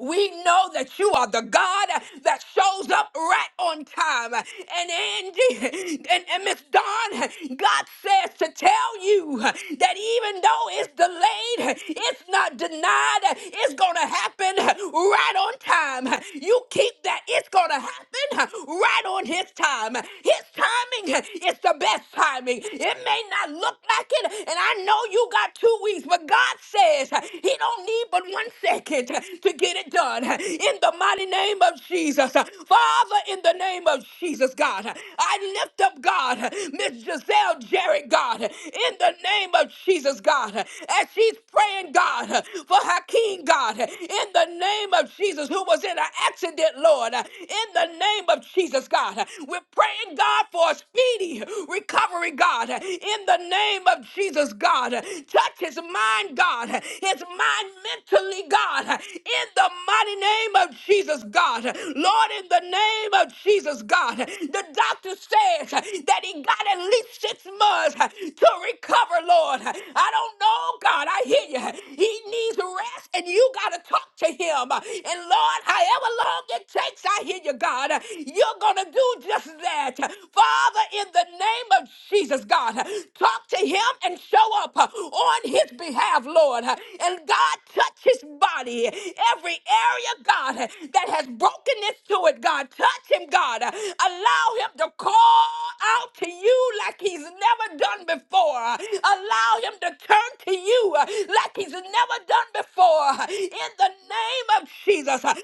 Speaker 1: We know that you are the God that shows up right on time. And Angie and, and Miss Dawn, God says to tell you that even though it's delayed, it's not denied, it's gonna happen right on time. You keep that it's gonna happen right on his time. His timing is the best timing. It may not look like it, and I know you got two weeks, but God says he don't need but one second second to get it done in the mighty name of Jesus. Father, in the name of Jesus, God, I lift up, God, Miss Giselle Jarrett, God, in the name of Jesus, God, as she's praying, God, for Hakeem, God, in the name of Jesus, who was in an accident, Lord, in the name of Jesus, God, we're praying, God, for a speedy recovery, God, in the name of Jesus, God, touch his mind, God, his mind mentally, God, in the mighty name of Jesus, God. Lord, in the name of Jesus, God, the doctor says that he got at least six months to recover, Lord. I don't know, God, I hear you. He needs rest, and you got to talk to to him. And Lord, however long it takes, I hear you, God, you're going to do just that. Father, in the name of Jesus, God, talk to him and show up on his behalf, Lord. And God, touch his body, every area, God, that has brokenness to it, God. Touch him, God. Allow him to call out to you like he's never done before. Allow him to turn to you uh, like he's never done before uh, in the name of Jesus. Uh, Father,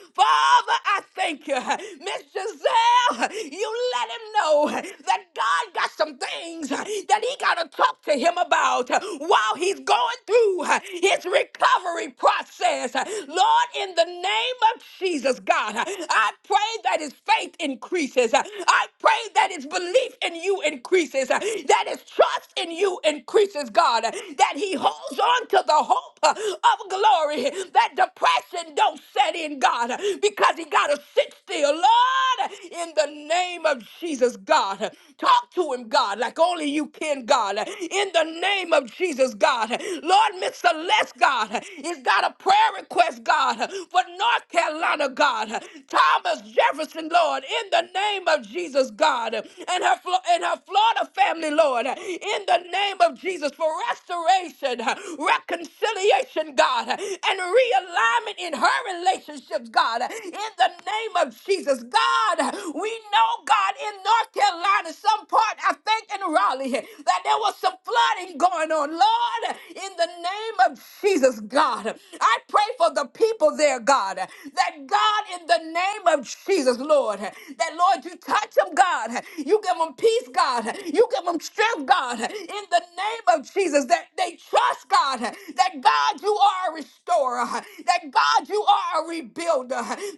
Speaker 1: I thank you. Uh, Miss Giselle, uh, you let him know uh, that God got some things uh, that he got to talk to him about uh, while he's going through uh, his recovery process. Uh, Lord, in the name of Jesus, God, uh, I pray that his faith increases. Uh, I pray that his belief in you increases is uh, that his trust in you increases, God, uh, that he holds on to the hope uh, of glory, that depression don't set in, God, uh, because he got to sit still. Lord, in the name of Jesus, God, uh, talk to him, God, like only you can, God, uh, in the name of Jesus, God. uh, Lord, Miss Celeste, God, uh, is got a prayer request, God, uh, for North Carolina, God, uh, Thomas Jefferson, Lord, Lord, in the name of Jesus, God, and her, Flo- and her Florida family, Lord, in the name of Jesus, for restoration, reconciliation, God, and realignment in her relationships, God, in the name of Jesus, God, we know, God, in North Carolina, some part, I think in Raleigh, that there was some flooding going on, Lord, in the name of Jesus, God, I pray for the people there there, God. That God, in the name of Jesus, Lord, that Lord, you touch them, God. You give them peace, God. You give them strength, God. In the name of Jesus, that they trust, God. That God, you are a restorer. That God, you are a rebuilder.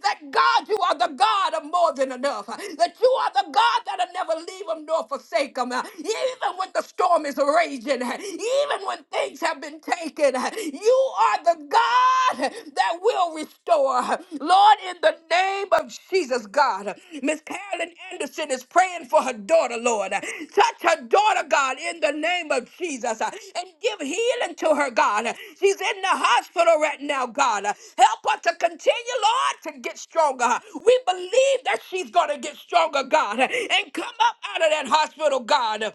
Speaker 1: That God, you are the God of more than enough. That you are the God that'll never leave them nor forsake them. Even when the storm is raging, even when things have been been taken. You are the God that will restore. Lord, in the name of Jesus, God, Miss Carolyn Anderson is praying for her daughter, Lord. Touch her daughter, God, in the name of Jesus, and give healing to her, God. She's in the hospital right now, God. Help her to continue, Lord, to get stronger. We believe that she's going to get stronger, God, and come up out of that hospital, God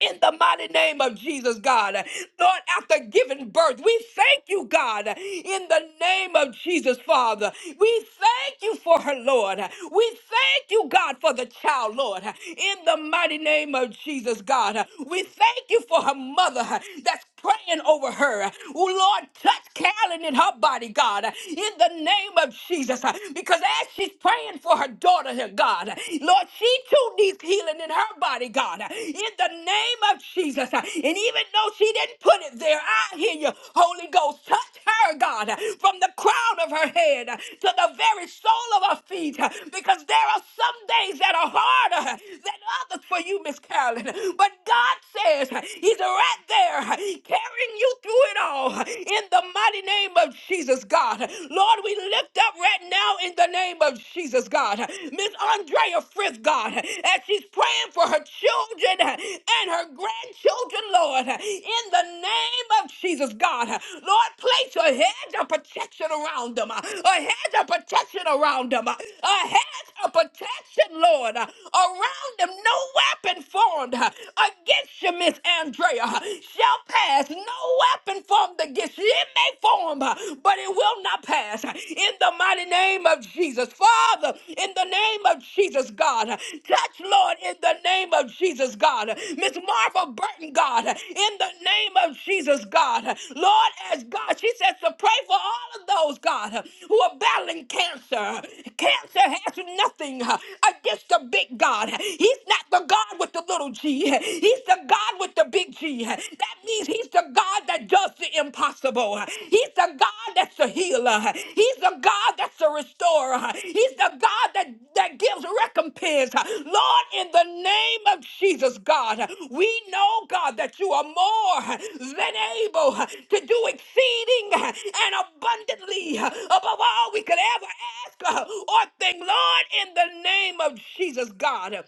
Speaker 1: in the mighty name of Jesus, God. Lord, after giving birth, we thank you, God, in the name of Jesus, Father. We thank you for her, Lord. We thank you, God, for the child, Lord, in the mighty name of Jesus, God. We thank you for her mother that's praying over her. Oh, Lord, touch Carolyn in her body, God, in the name of Jesus, because as she's praying for her daughter, God, Lord, Lord, she too needs healing in her body, God, in the name of Jesus. And even though she didn't put it there, I hear you, Holy Ghost. Touch her, God, from the crown of her head to the very sole of her feet, because there are some days that are harder than others for you, Miss Carolyn. But God says He's right there carrying you through it all in the mighty name of Jesus, God. Lord, we lift up right right now in the name of Jesus, God. Miss Andrea Frith, God, as she's praying for her children and her grandchildren, Lord, in the name of Jesus, God. Lord, place a hedge of protection around them, a hedge of protection around them, a hedge of protection, Lord, around them. No weapon formed against you, Miss Andrea, shall pass. No weapon formed against you it may form, uh, but it will not pass. In the mighty name of Jesus. Father, in the name of Jesus, God. Touch, Lord, in the name of Jesus, God. Miss Marva Burton, God. In the name of Jesus, God. Lord, as God, she says to pray for all of those, God, who are battling cancer. Cancer has nothing uh, against the big God. He's not the God with the little g. He's the God with the big big G. That means he's the God that does the impossible. He's the God that's a healer. He's the God that's a restorer. He's the God that, that gives recompense. Lord, in the name of Jesus, God, we know, God, that you are more than able to do exceeding and abundantly above all we could ever ask or think. Lord, in the name of Jesus, God.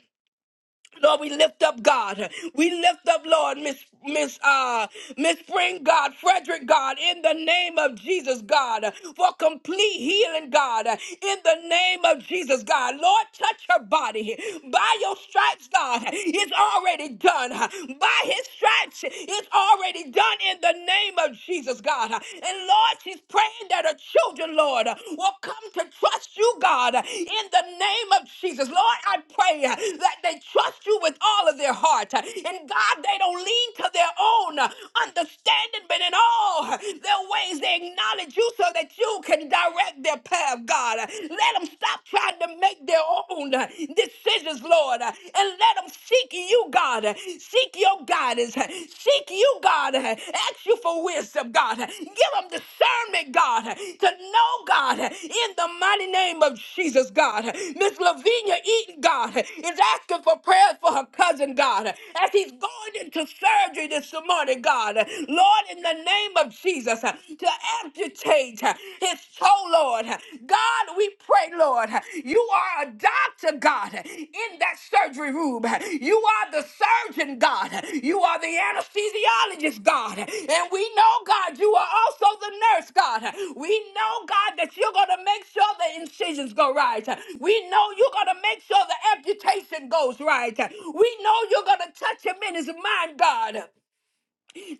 Speaker 1: Lord, we lift up God. We lift up, Lord, Miss Miss uh Miss Spring God, Frederick God, in the name of Jesus, God, for complete healing, God, in the name of Jesus, God. Lord, touch her body. By your stripes, God, it's already done. By his stripes, it's already done in the name of Jesus, God. And Lord, she's praying that her children, Lord, will come to trust you, God, in the name of Jesus. Lord, I pray that they trust you with all of their heart. And God, they don't lean to their own understanding, but in all their ways, they acknowledge you so that you can direct their path, God. Let them stop trying to make their own decisions, Lord, and let them seek you, God, Seek your guidance. Seek you, God. Ask you for wisdom, God. Give them discernment, God, to know, God, in the mighty name of Jesus, God. Miss Lavinia Eaton, God, is asking for prayer for her cousin, God, as he's going into surgery this morning, God. Lord, in the name of Jesus, to amputate his toe, Lord. God, we pray, Lord, you are a doctor, God, in that surgery room. You are the surgeon, God. You are the anesthesiologist, God. And we know, God, you are also the nurse, God. We know, God, that you're going to make sure the incisions go right. We know you're going to make sure the amputation goes right. We know you're going to touch him in his mind, God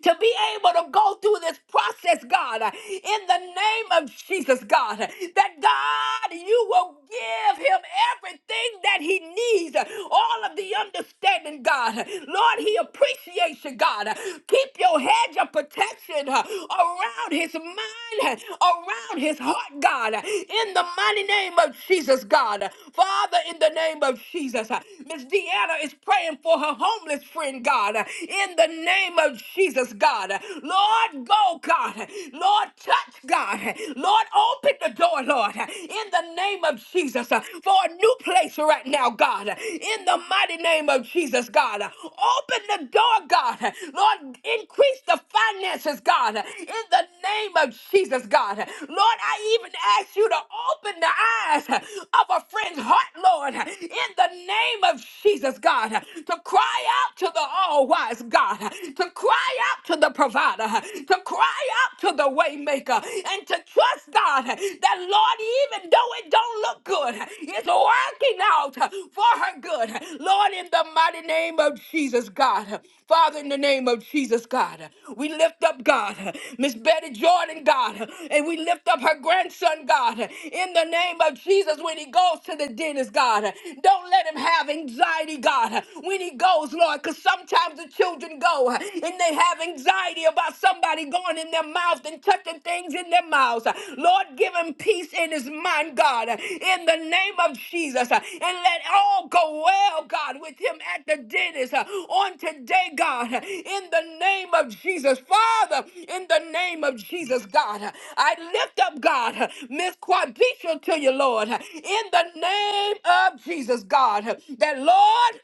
Speaker 1: to be able to go through this process, God, in the name of Jesus, God, that God, you will give him everything that he needs, all of the understanding, God. Lord, he appreciates you, God. Keep your hedge of protection uh, around his mind, around his heart, God, in the mighty name of Jesus, God. Father, in the name of Jesus, uh, Miss Deanna is praying for her homeless friend, God, uh, in the name of Jesus, God. Lord, go, God. Lord, touch, God. Lord, open the door, Lord, in the name of Jesus, uh, for a new place right now, God. In the mighty name of Jesus, God. Open the door, God. Lord, increase the finances, God. In the name of Jesus, God. Lord, I even ask you to open the eyes of a friend's heart, Lord. In the name of Jesus, God. To cry out to the altar all wise God to cry out to the provider, to cry out to the waymaker, and to trust God that Lord, even though it don't look good, it's working out for her good. Lord, in the mighty name of Jesus, God, Father, in the name of Jesus, God, we lift up God, Miss Betty Jordan, God, and we lift up her grandson, God, in the name of Jesus. When he goes to the dentist, God, don't let him have anxiety, God. When he goes goes, Lord, because sometimes the children go and they have anxiety about somebody going in their mouth and touching things in their mouths. Lord, give him peace in his mind, God, in the name of Jesus. And let all go well, God, with him at the dentist on today, God, in the name of Jesus. Father, in the name of Jesus, God, I lift up, God, Miss Quadisha to you, Lord, in the name of Jesus, God, that, Lord,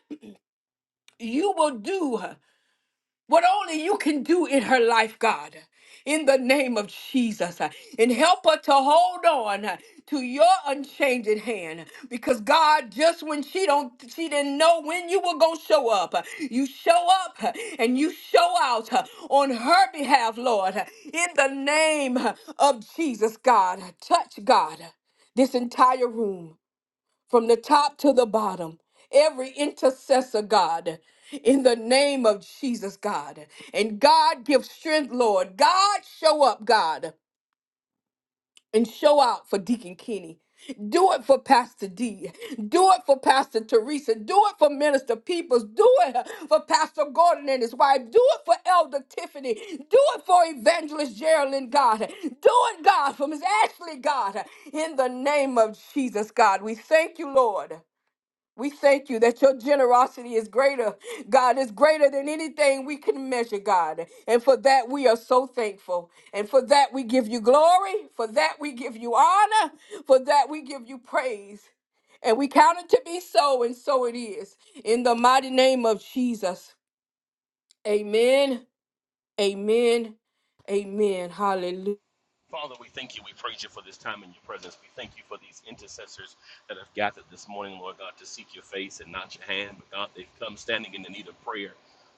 Speaker 1: you will do what only you can do in her life, God, in the name of Jesus. And help her to hold on to your unchanging hand. Because God, just when she don't she didn't know when you were gonna show up, you show up and you show out on her behalf, Lord, in the name of Jesus, God. Touch God, this entire room from the top to the bottom. Every intercessor, God, in the name of Jesus, God. And God, give strength, Lord. God, show up, God, and show out for Deacon Kenny. Do it for Pastor D. Do it for Pastor Teresa. Do it for Minister Peoples. Do it for Pastor Gordon and his wife. Do it for Elder Tiffany. Do it for Evangelist Geraldine, God. Do it, God, for Miss Ashley, God. In the name of Jesus, God, we thank you, Lord. We thank you that your generosity is greater, God, is greater than anything we can measure, God. And for that, we are so thankful. And for that, we give you glory. For that, we give you honor. For that, we give you praise. And we count it to be so, and so it is. In the mighty name of Jesus. Amen. Amen. Amen. Hallelujah.
Speaker 4: Father, we thank you. We praise you for this time in your presence. We thank you for these intercessors that have gathered this morning, Lord God, to seek your face and not your hand. But God, they've come standing in the need of prayer.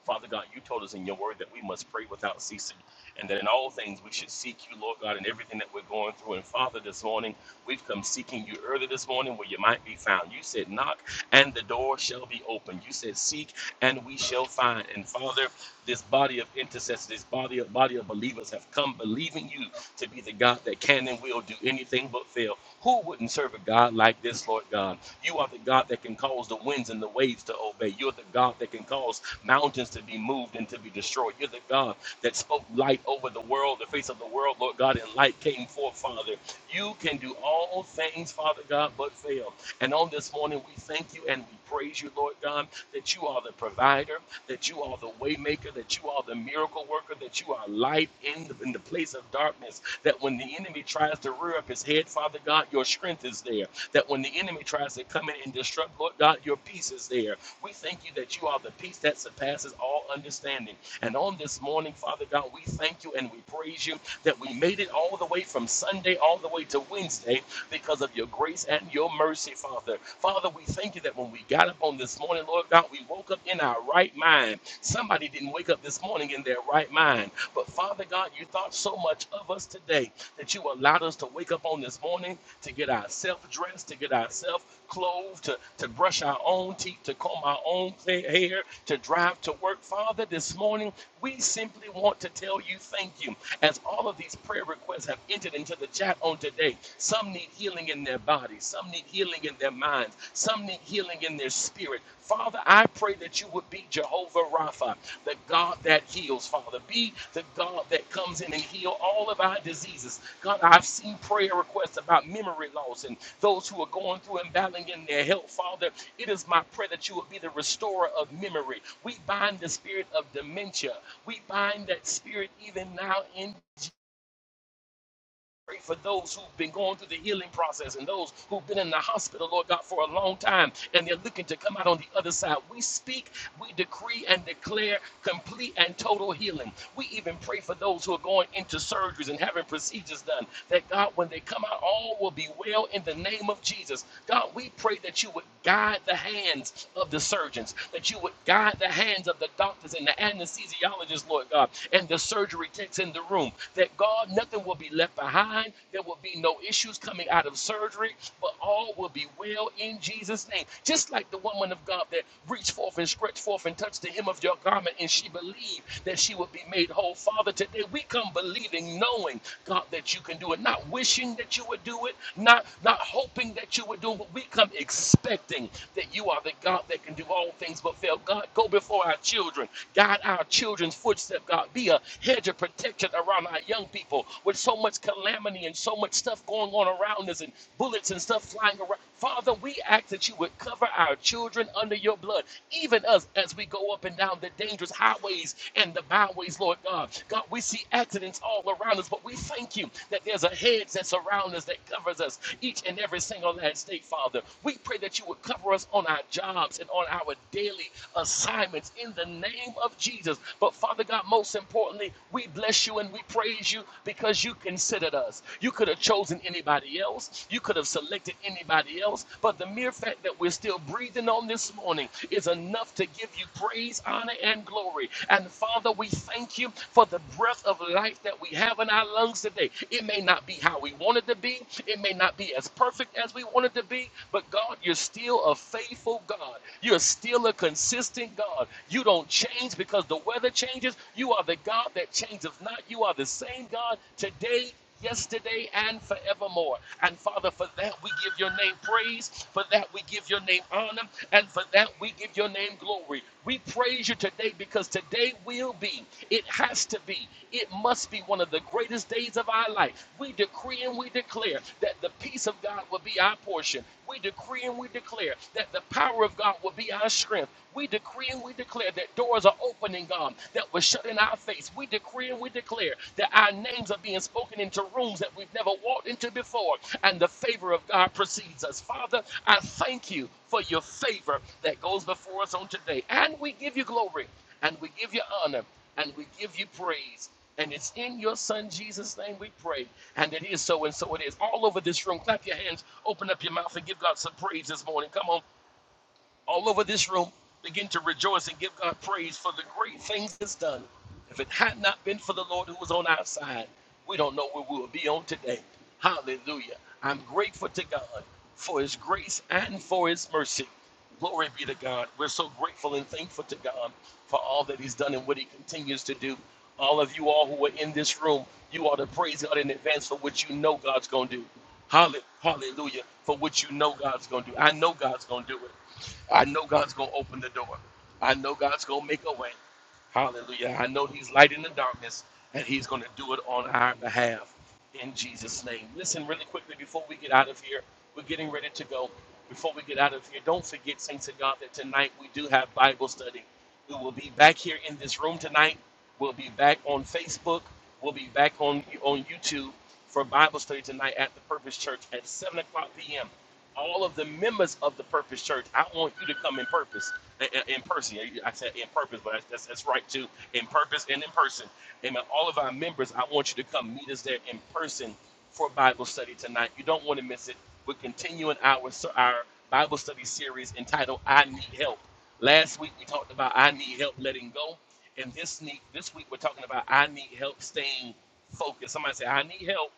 Speaker 4: Father God, you told us in your word that we must pray without ceasing and that in all things we should seek you, Lord God, in everything that we're going through. And Father, this morning, we've come seeking you early this morning where you might be found. You said, Knock and the door shall be opened. You said, Seek and we shall find. And Father, this body of intercessors, this body of, body of believers have come believing you to be the God that can and will do anything but fail. Who wouldn't serve a God like this, Lord God? You are the God that can cause the winds and the waves to obey. You're the God that can cause mountains to be moved and to be destroyed. You're the God that spoke light over the world, the face of the world, Lord God, and light came forth, Father. You can do all things, Father God, but fail. And on this morning, we thank you and we praise you, Lord God, that you are the provider, that you are the waymaker, that you are the miracle worker, that you are light in the, in the place of darkness. That when the enemy tries to rear up his head, Father God, your strength is there that when the enemy tries to come in and disrupt, Lord God, your peace is there. We thank you that you are the peace that surpasses all understanding. And on this morning, Father God, we thank you and we praise you that we made it all the way from Sunday all the way to Wednesday because of your grace and your mercy, Father. Father, we thank you that when we got up on this morning, Lord God, we woke up in our right mind. Somebody didn't wake up this morning in their right mind mind. But Father God, you thought so much of us today that you allowed us to wake up on this morning to get ourselves dressed, to get ourselves clothed, to, to brush our own teeth, to comb our own hair, to drive to work. Father, this morning we simply want to tell you thank you as all of these prayer requests have entered into the chat on today. Some need healing in their bodies, some need healing in their minds, some need healing in their spirit, Father, I pray that you would be Jehovah Rapha, the God that heals, Father. Be the God that comes in and heal all of our diseases. God, I've seen prayer requests about memory loss and those who are going through and battling in their health, Father. It is my prayer that you would be the restorer of memory. We bind the spirit of dementia. We bind that spirit even now in Pray for those who've been going through the healing process and those who've been in the hospital, Lord God, for a long time and they're looking to come out on the other side. We speak, we decree, and declare complete and total healing. We even pray for those who are going into surgeries and having procedures done that, God, when they come out, all will be well in the name of Jesus. God, we pray that you would guide the hands of the surgeons, that you would guide the hands of the doctors and the anesthesiologists, Lord God, and the surgery techs in the room, that thank God nothing will be left behind. There will be no issues coming out of surgery, but all will be well in Jesus' name. Just like the woman of God that reached forth and stretched forth and touched the hem of your garment, and she believed that she would be made whole. Father, today we come believing, knowing, God, that you can do it, not wishing that you would do it, not, not hoping that you would do it, but we come expecting that you are the God that can do all things but fail. God, go before our children, guide our children's footsteps, God. Be a hedge of protection around our young people with so much calamity and so much stuff going on around us and bullets and stuff flying around. Father, we ask that you would cover our children under your blood, even us as we go up and down the dangerous highways and the byways, Lord God. God, we see accidents all around us, but we thank you that there's a hedge that's around us that covers us each and every single last day, Father. We pray that you would cover us on our jobs and on our daily assignments in the name of Jesus. But Father God, most importantly, we bless you and we praise you because you considered us. You could have chosen anybody else, you could have selected anybody else, but the mere fact that we're still breathing on this morning is enough to give you praise, honor, and glory. And Father, we thank you for the breath of life that we have in our lungs today. It may not be how we want it to be, it may not be as perfect as we want it to be, but God, you're still a faithful God. You're still a consistent God. You don't change because the weather changes. You are the God that changes not. You are the same God today, yesterday, and forevermore. And Father, for that we give your name praise. For that we give your name honor. And for that we give your name glory. We praise you today because today will be, it has to be, it must be one of the greatest days of our life. We decree and we declare that the peace of God will be our portion. We decree and we declare that the power of God will be our strength. We decree and we declare that doors are opening, God, that were shut in our face. We decree and we declare that our names are being spoken into rooms that we've never walked into before, and the favor of God precedes us. Father, I thank you for your favor that goes before us on today. And we give you glory, and we give you honor, and we give you praise. And it's in your son Jesus' name we pray. And it is so and so it is. All over this room, clap your hands, open up your mouth, and give God some praise this morning. Come on, all over this room, begin to rejoice and give God praise for the great things He's done. If it had not been for the Lord who was on our side, we don't know where we would be on today. Hallelujah. I'm grateful to God for His grace and for His mercy. Glory be to God. We're so grateful and thankful to God for all that He's done and what He continues to do. All of you all who are in this room, you ought to praise God in advance for what you know God's going to do. Halle- Hallelujah. For what you know God's going to do. I know God's going to do it. I know God's going to open the door. I know God's going to make a way. Hallelujah. I know He's light in the darkness and He's going to do it on our behalf in Jesus' name. Listen, really quickly before we get out of here, we're getting ready to go. Before we get out of here, don't forget, Saints of God, that tonight we do have Bible study. We will be back here in this room tonight. We'll be back on Facebook. We'll be back on, on YouTube for Bible study tonight at the Purpose Church at 7 o'clock p.m all of the members of the Purpose Church. I want you to come in purpose, in, in person. I said in purpose, but that's, that's right too. In purpose and in person. Amen. All of our members, I want you to come meet us there in person for Bible study tonight. You don't want to miss it. We're continuing our our Bible study series entitled "I Need Help." Last week we talked about "I Need Help Letting Go," and this week this week we're talking about "I Need Help Staying Focused." Somebody say, "I need help."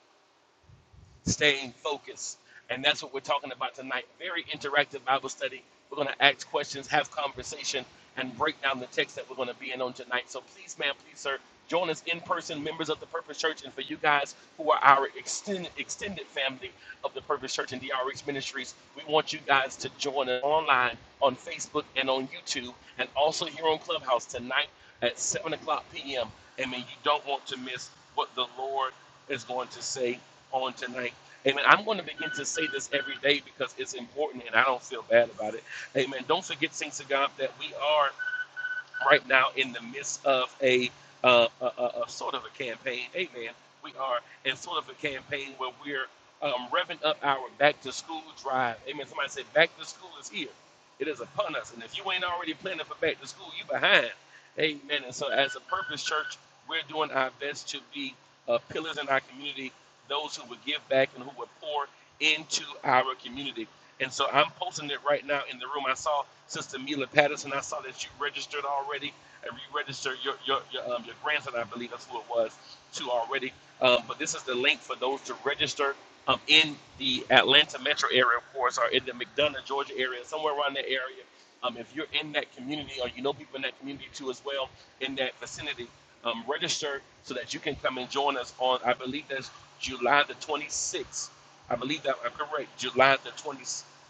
Speaker 4: staying focused. And that's what we're talking about tonight. Very interactive Bible study. We're going to ask questions, have conversation, and break down the text that we're going to be in on tonight. So please, ma'am, please, sir, join us in person, members of the Purpose Church, and for you guys who are our extended extended family of the Purpose Church and DRX Ministries, we want you guys to join us online on Facebook and on YouTube, and also here on Clubhouse tonight at 7 o'clock p.m. I mean, you don't want to miss what the Lord is going to say on tonight. Amen. I'm going to begin to say this every day because it's important and I don't feel bad about it. Amen. Don't forget, saints of God, that we are right now in the midst of a, uh, a, a, a sort of a campaign. Amen. We are in sort of a campaign where we're um, revving up our back to school drive. Amen. Somebody said back to school is here. It is upon us. And if you ain't already planning for back to school, you behind. Amen. And so as a purpose church, we're doing our best to be uh, pillars in our community, those who would give back and who would pour into our community. And so I'm posting it right now in the room. I saw Sister Mila Patterson. I saw that you registered already. And you registered your your your, um, your grandson, I believe that's who it was, too already. Um, but this is the link for those to register um, in the Atlanta metro area, of course, or in the McDonough, Georgia area, somewhere around that area. Um, if you're in that community or you know people in that community too as well, in that vicinity, um, register so that you can come and join us on, I believe that's July the 26th I believe that I'm correct. July the 20,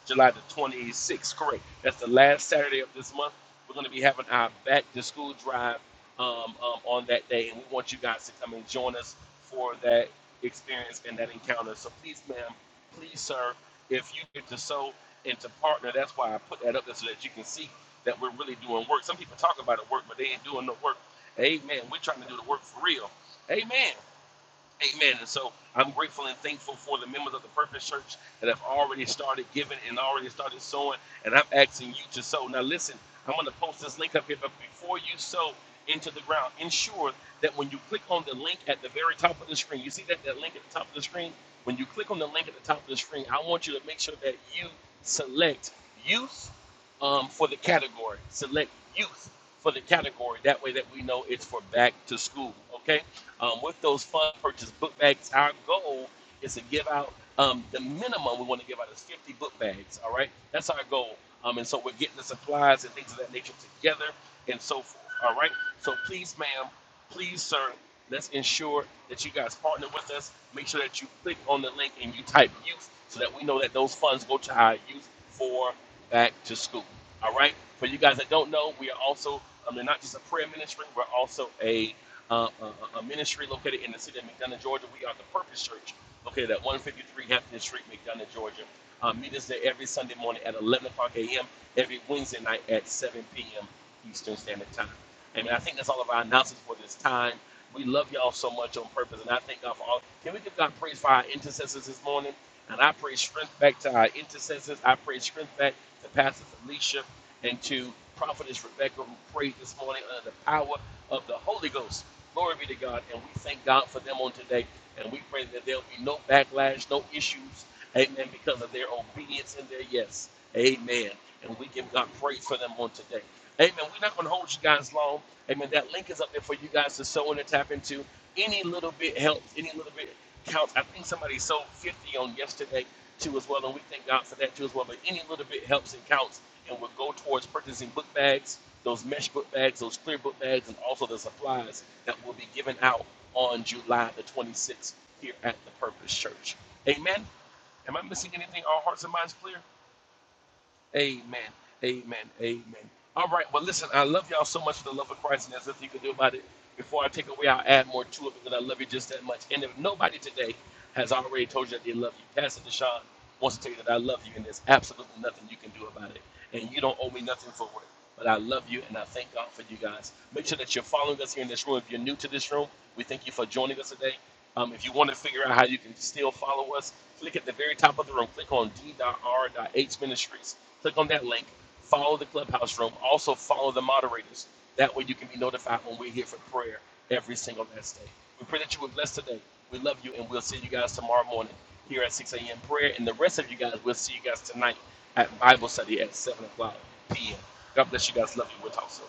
Speaker 4: July the 26th. Correct. That's the last Saturday of this month. We're going to be having our back to school drive um, um, on that day, and we want you guys to come and join us for that experience and that encounter. So please, ma'am, please, sir, if you get to sow and to partner, that's why I put that up there so that you can see that we're really doing work. Some people talk about the work, but they ain't doing no work. Amen. We're trying to do the work for real. Amen. Amen. And so I'm grateful and thankful for the members of the Purpose Church that have already started giving and already started sowing. And I'm asking you to sow. Now, listen, I'm going to post this link up here, but before you sow into the ground, ensure that when you click on the link at the very top of the screen, you see that, that link at the top of the screen? When you click on the link at the top of the screen, I want you to make sure that you select youth um, for the category. Select youth for the category. That way that we know it's for back to school. Okay? Um, with those fund purchase book bags, our goal is to give out um, the minimum we want to give out is 50 book bags. All right, that's our goal. Um, and so we're getting the supplies and things of that nature together and so forth. All right, so please, ma'am, please, sir, let's ensure that you guys partner with us. Make sure that you click on the link and you type youth so that we know that those funds go to our youth for back to school. All right. For you guys that don't know, we are also, I are not just a prayer ministry, we're also a uh, a, a ministry located in the city of McDonough, Georgia. We are the Purpose Church, located at 153 Hampton Street, McDonough, Georgia. Uh, meet us there every Sunday morning at 11 o'clock a.m., every Wednesday night at 7 p.m. Eastern Standard Time. And I think that's all of our announcements for this time. We love y'all so much on purpose, and I thank God for all. Can we give God praise for our intercessors this morning? And I pray strength back to our intercessors. I pray strength back to Pastor Felicia and to Prophetess Rebecca, who prayed this morning under the power of the Holy Ghost. Glory be to God, and we thank God for them on today. And we pray that there'll be no backlash, no issues, amen, because of their obedience and their yes. Amen. And we give God praise for them on today. Amen. We're not going to hold you guys long. Amen. That link is up there for you guys to sow in and tap into. Any little bit helps. Any little bit counts. I think somebody sold 50 on yesterday too as well, and we thank God for that too as well. But any little bit helps and counts, and will go towards purchasing book bags, those mesh book bags, those clear book bags, and also the supplies that will be given out on July the 26th here at the Purpose Church. Amen. Am I missing anything? All hearts and minds clear? Amen. Amen. Amen. All right. Well, listen, I love y'all so much for the love of Christ, and there's nothing you can do about it. Before I take away, I'll add more to it because I love you just that much. And if nobody today has already told you that they love you, Pastor Deshaun wants to tell you that I love you, and there's absolutely nothing you can do about it. And you don't owe me nothing for it. But I love you, and I thank God for you guys. Make sure that you're following us here in this room. If you're new to this room, we thank you for joining us today. Um, if you want to figure out how you can still follow us, click at the very top of the room. Click on d.r.h ministries. Click on that link. Follow the clubhouse room. Also follow the moderators. That way you can be notified when we're here for prayer every single last day. We pray that you were blessed today. We love you, and we'll see you guys tomorrow morning here at 6 a.m. prayer. And the rest of you guys, we'll see you guys tonight at Bible study at 7 o'clock p.m. God bless you guys. Love you. We'll talk soon.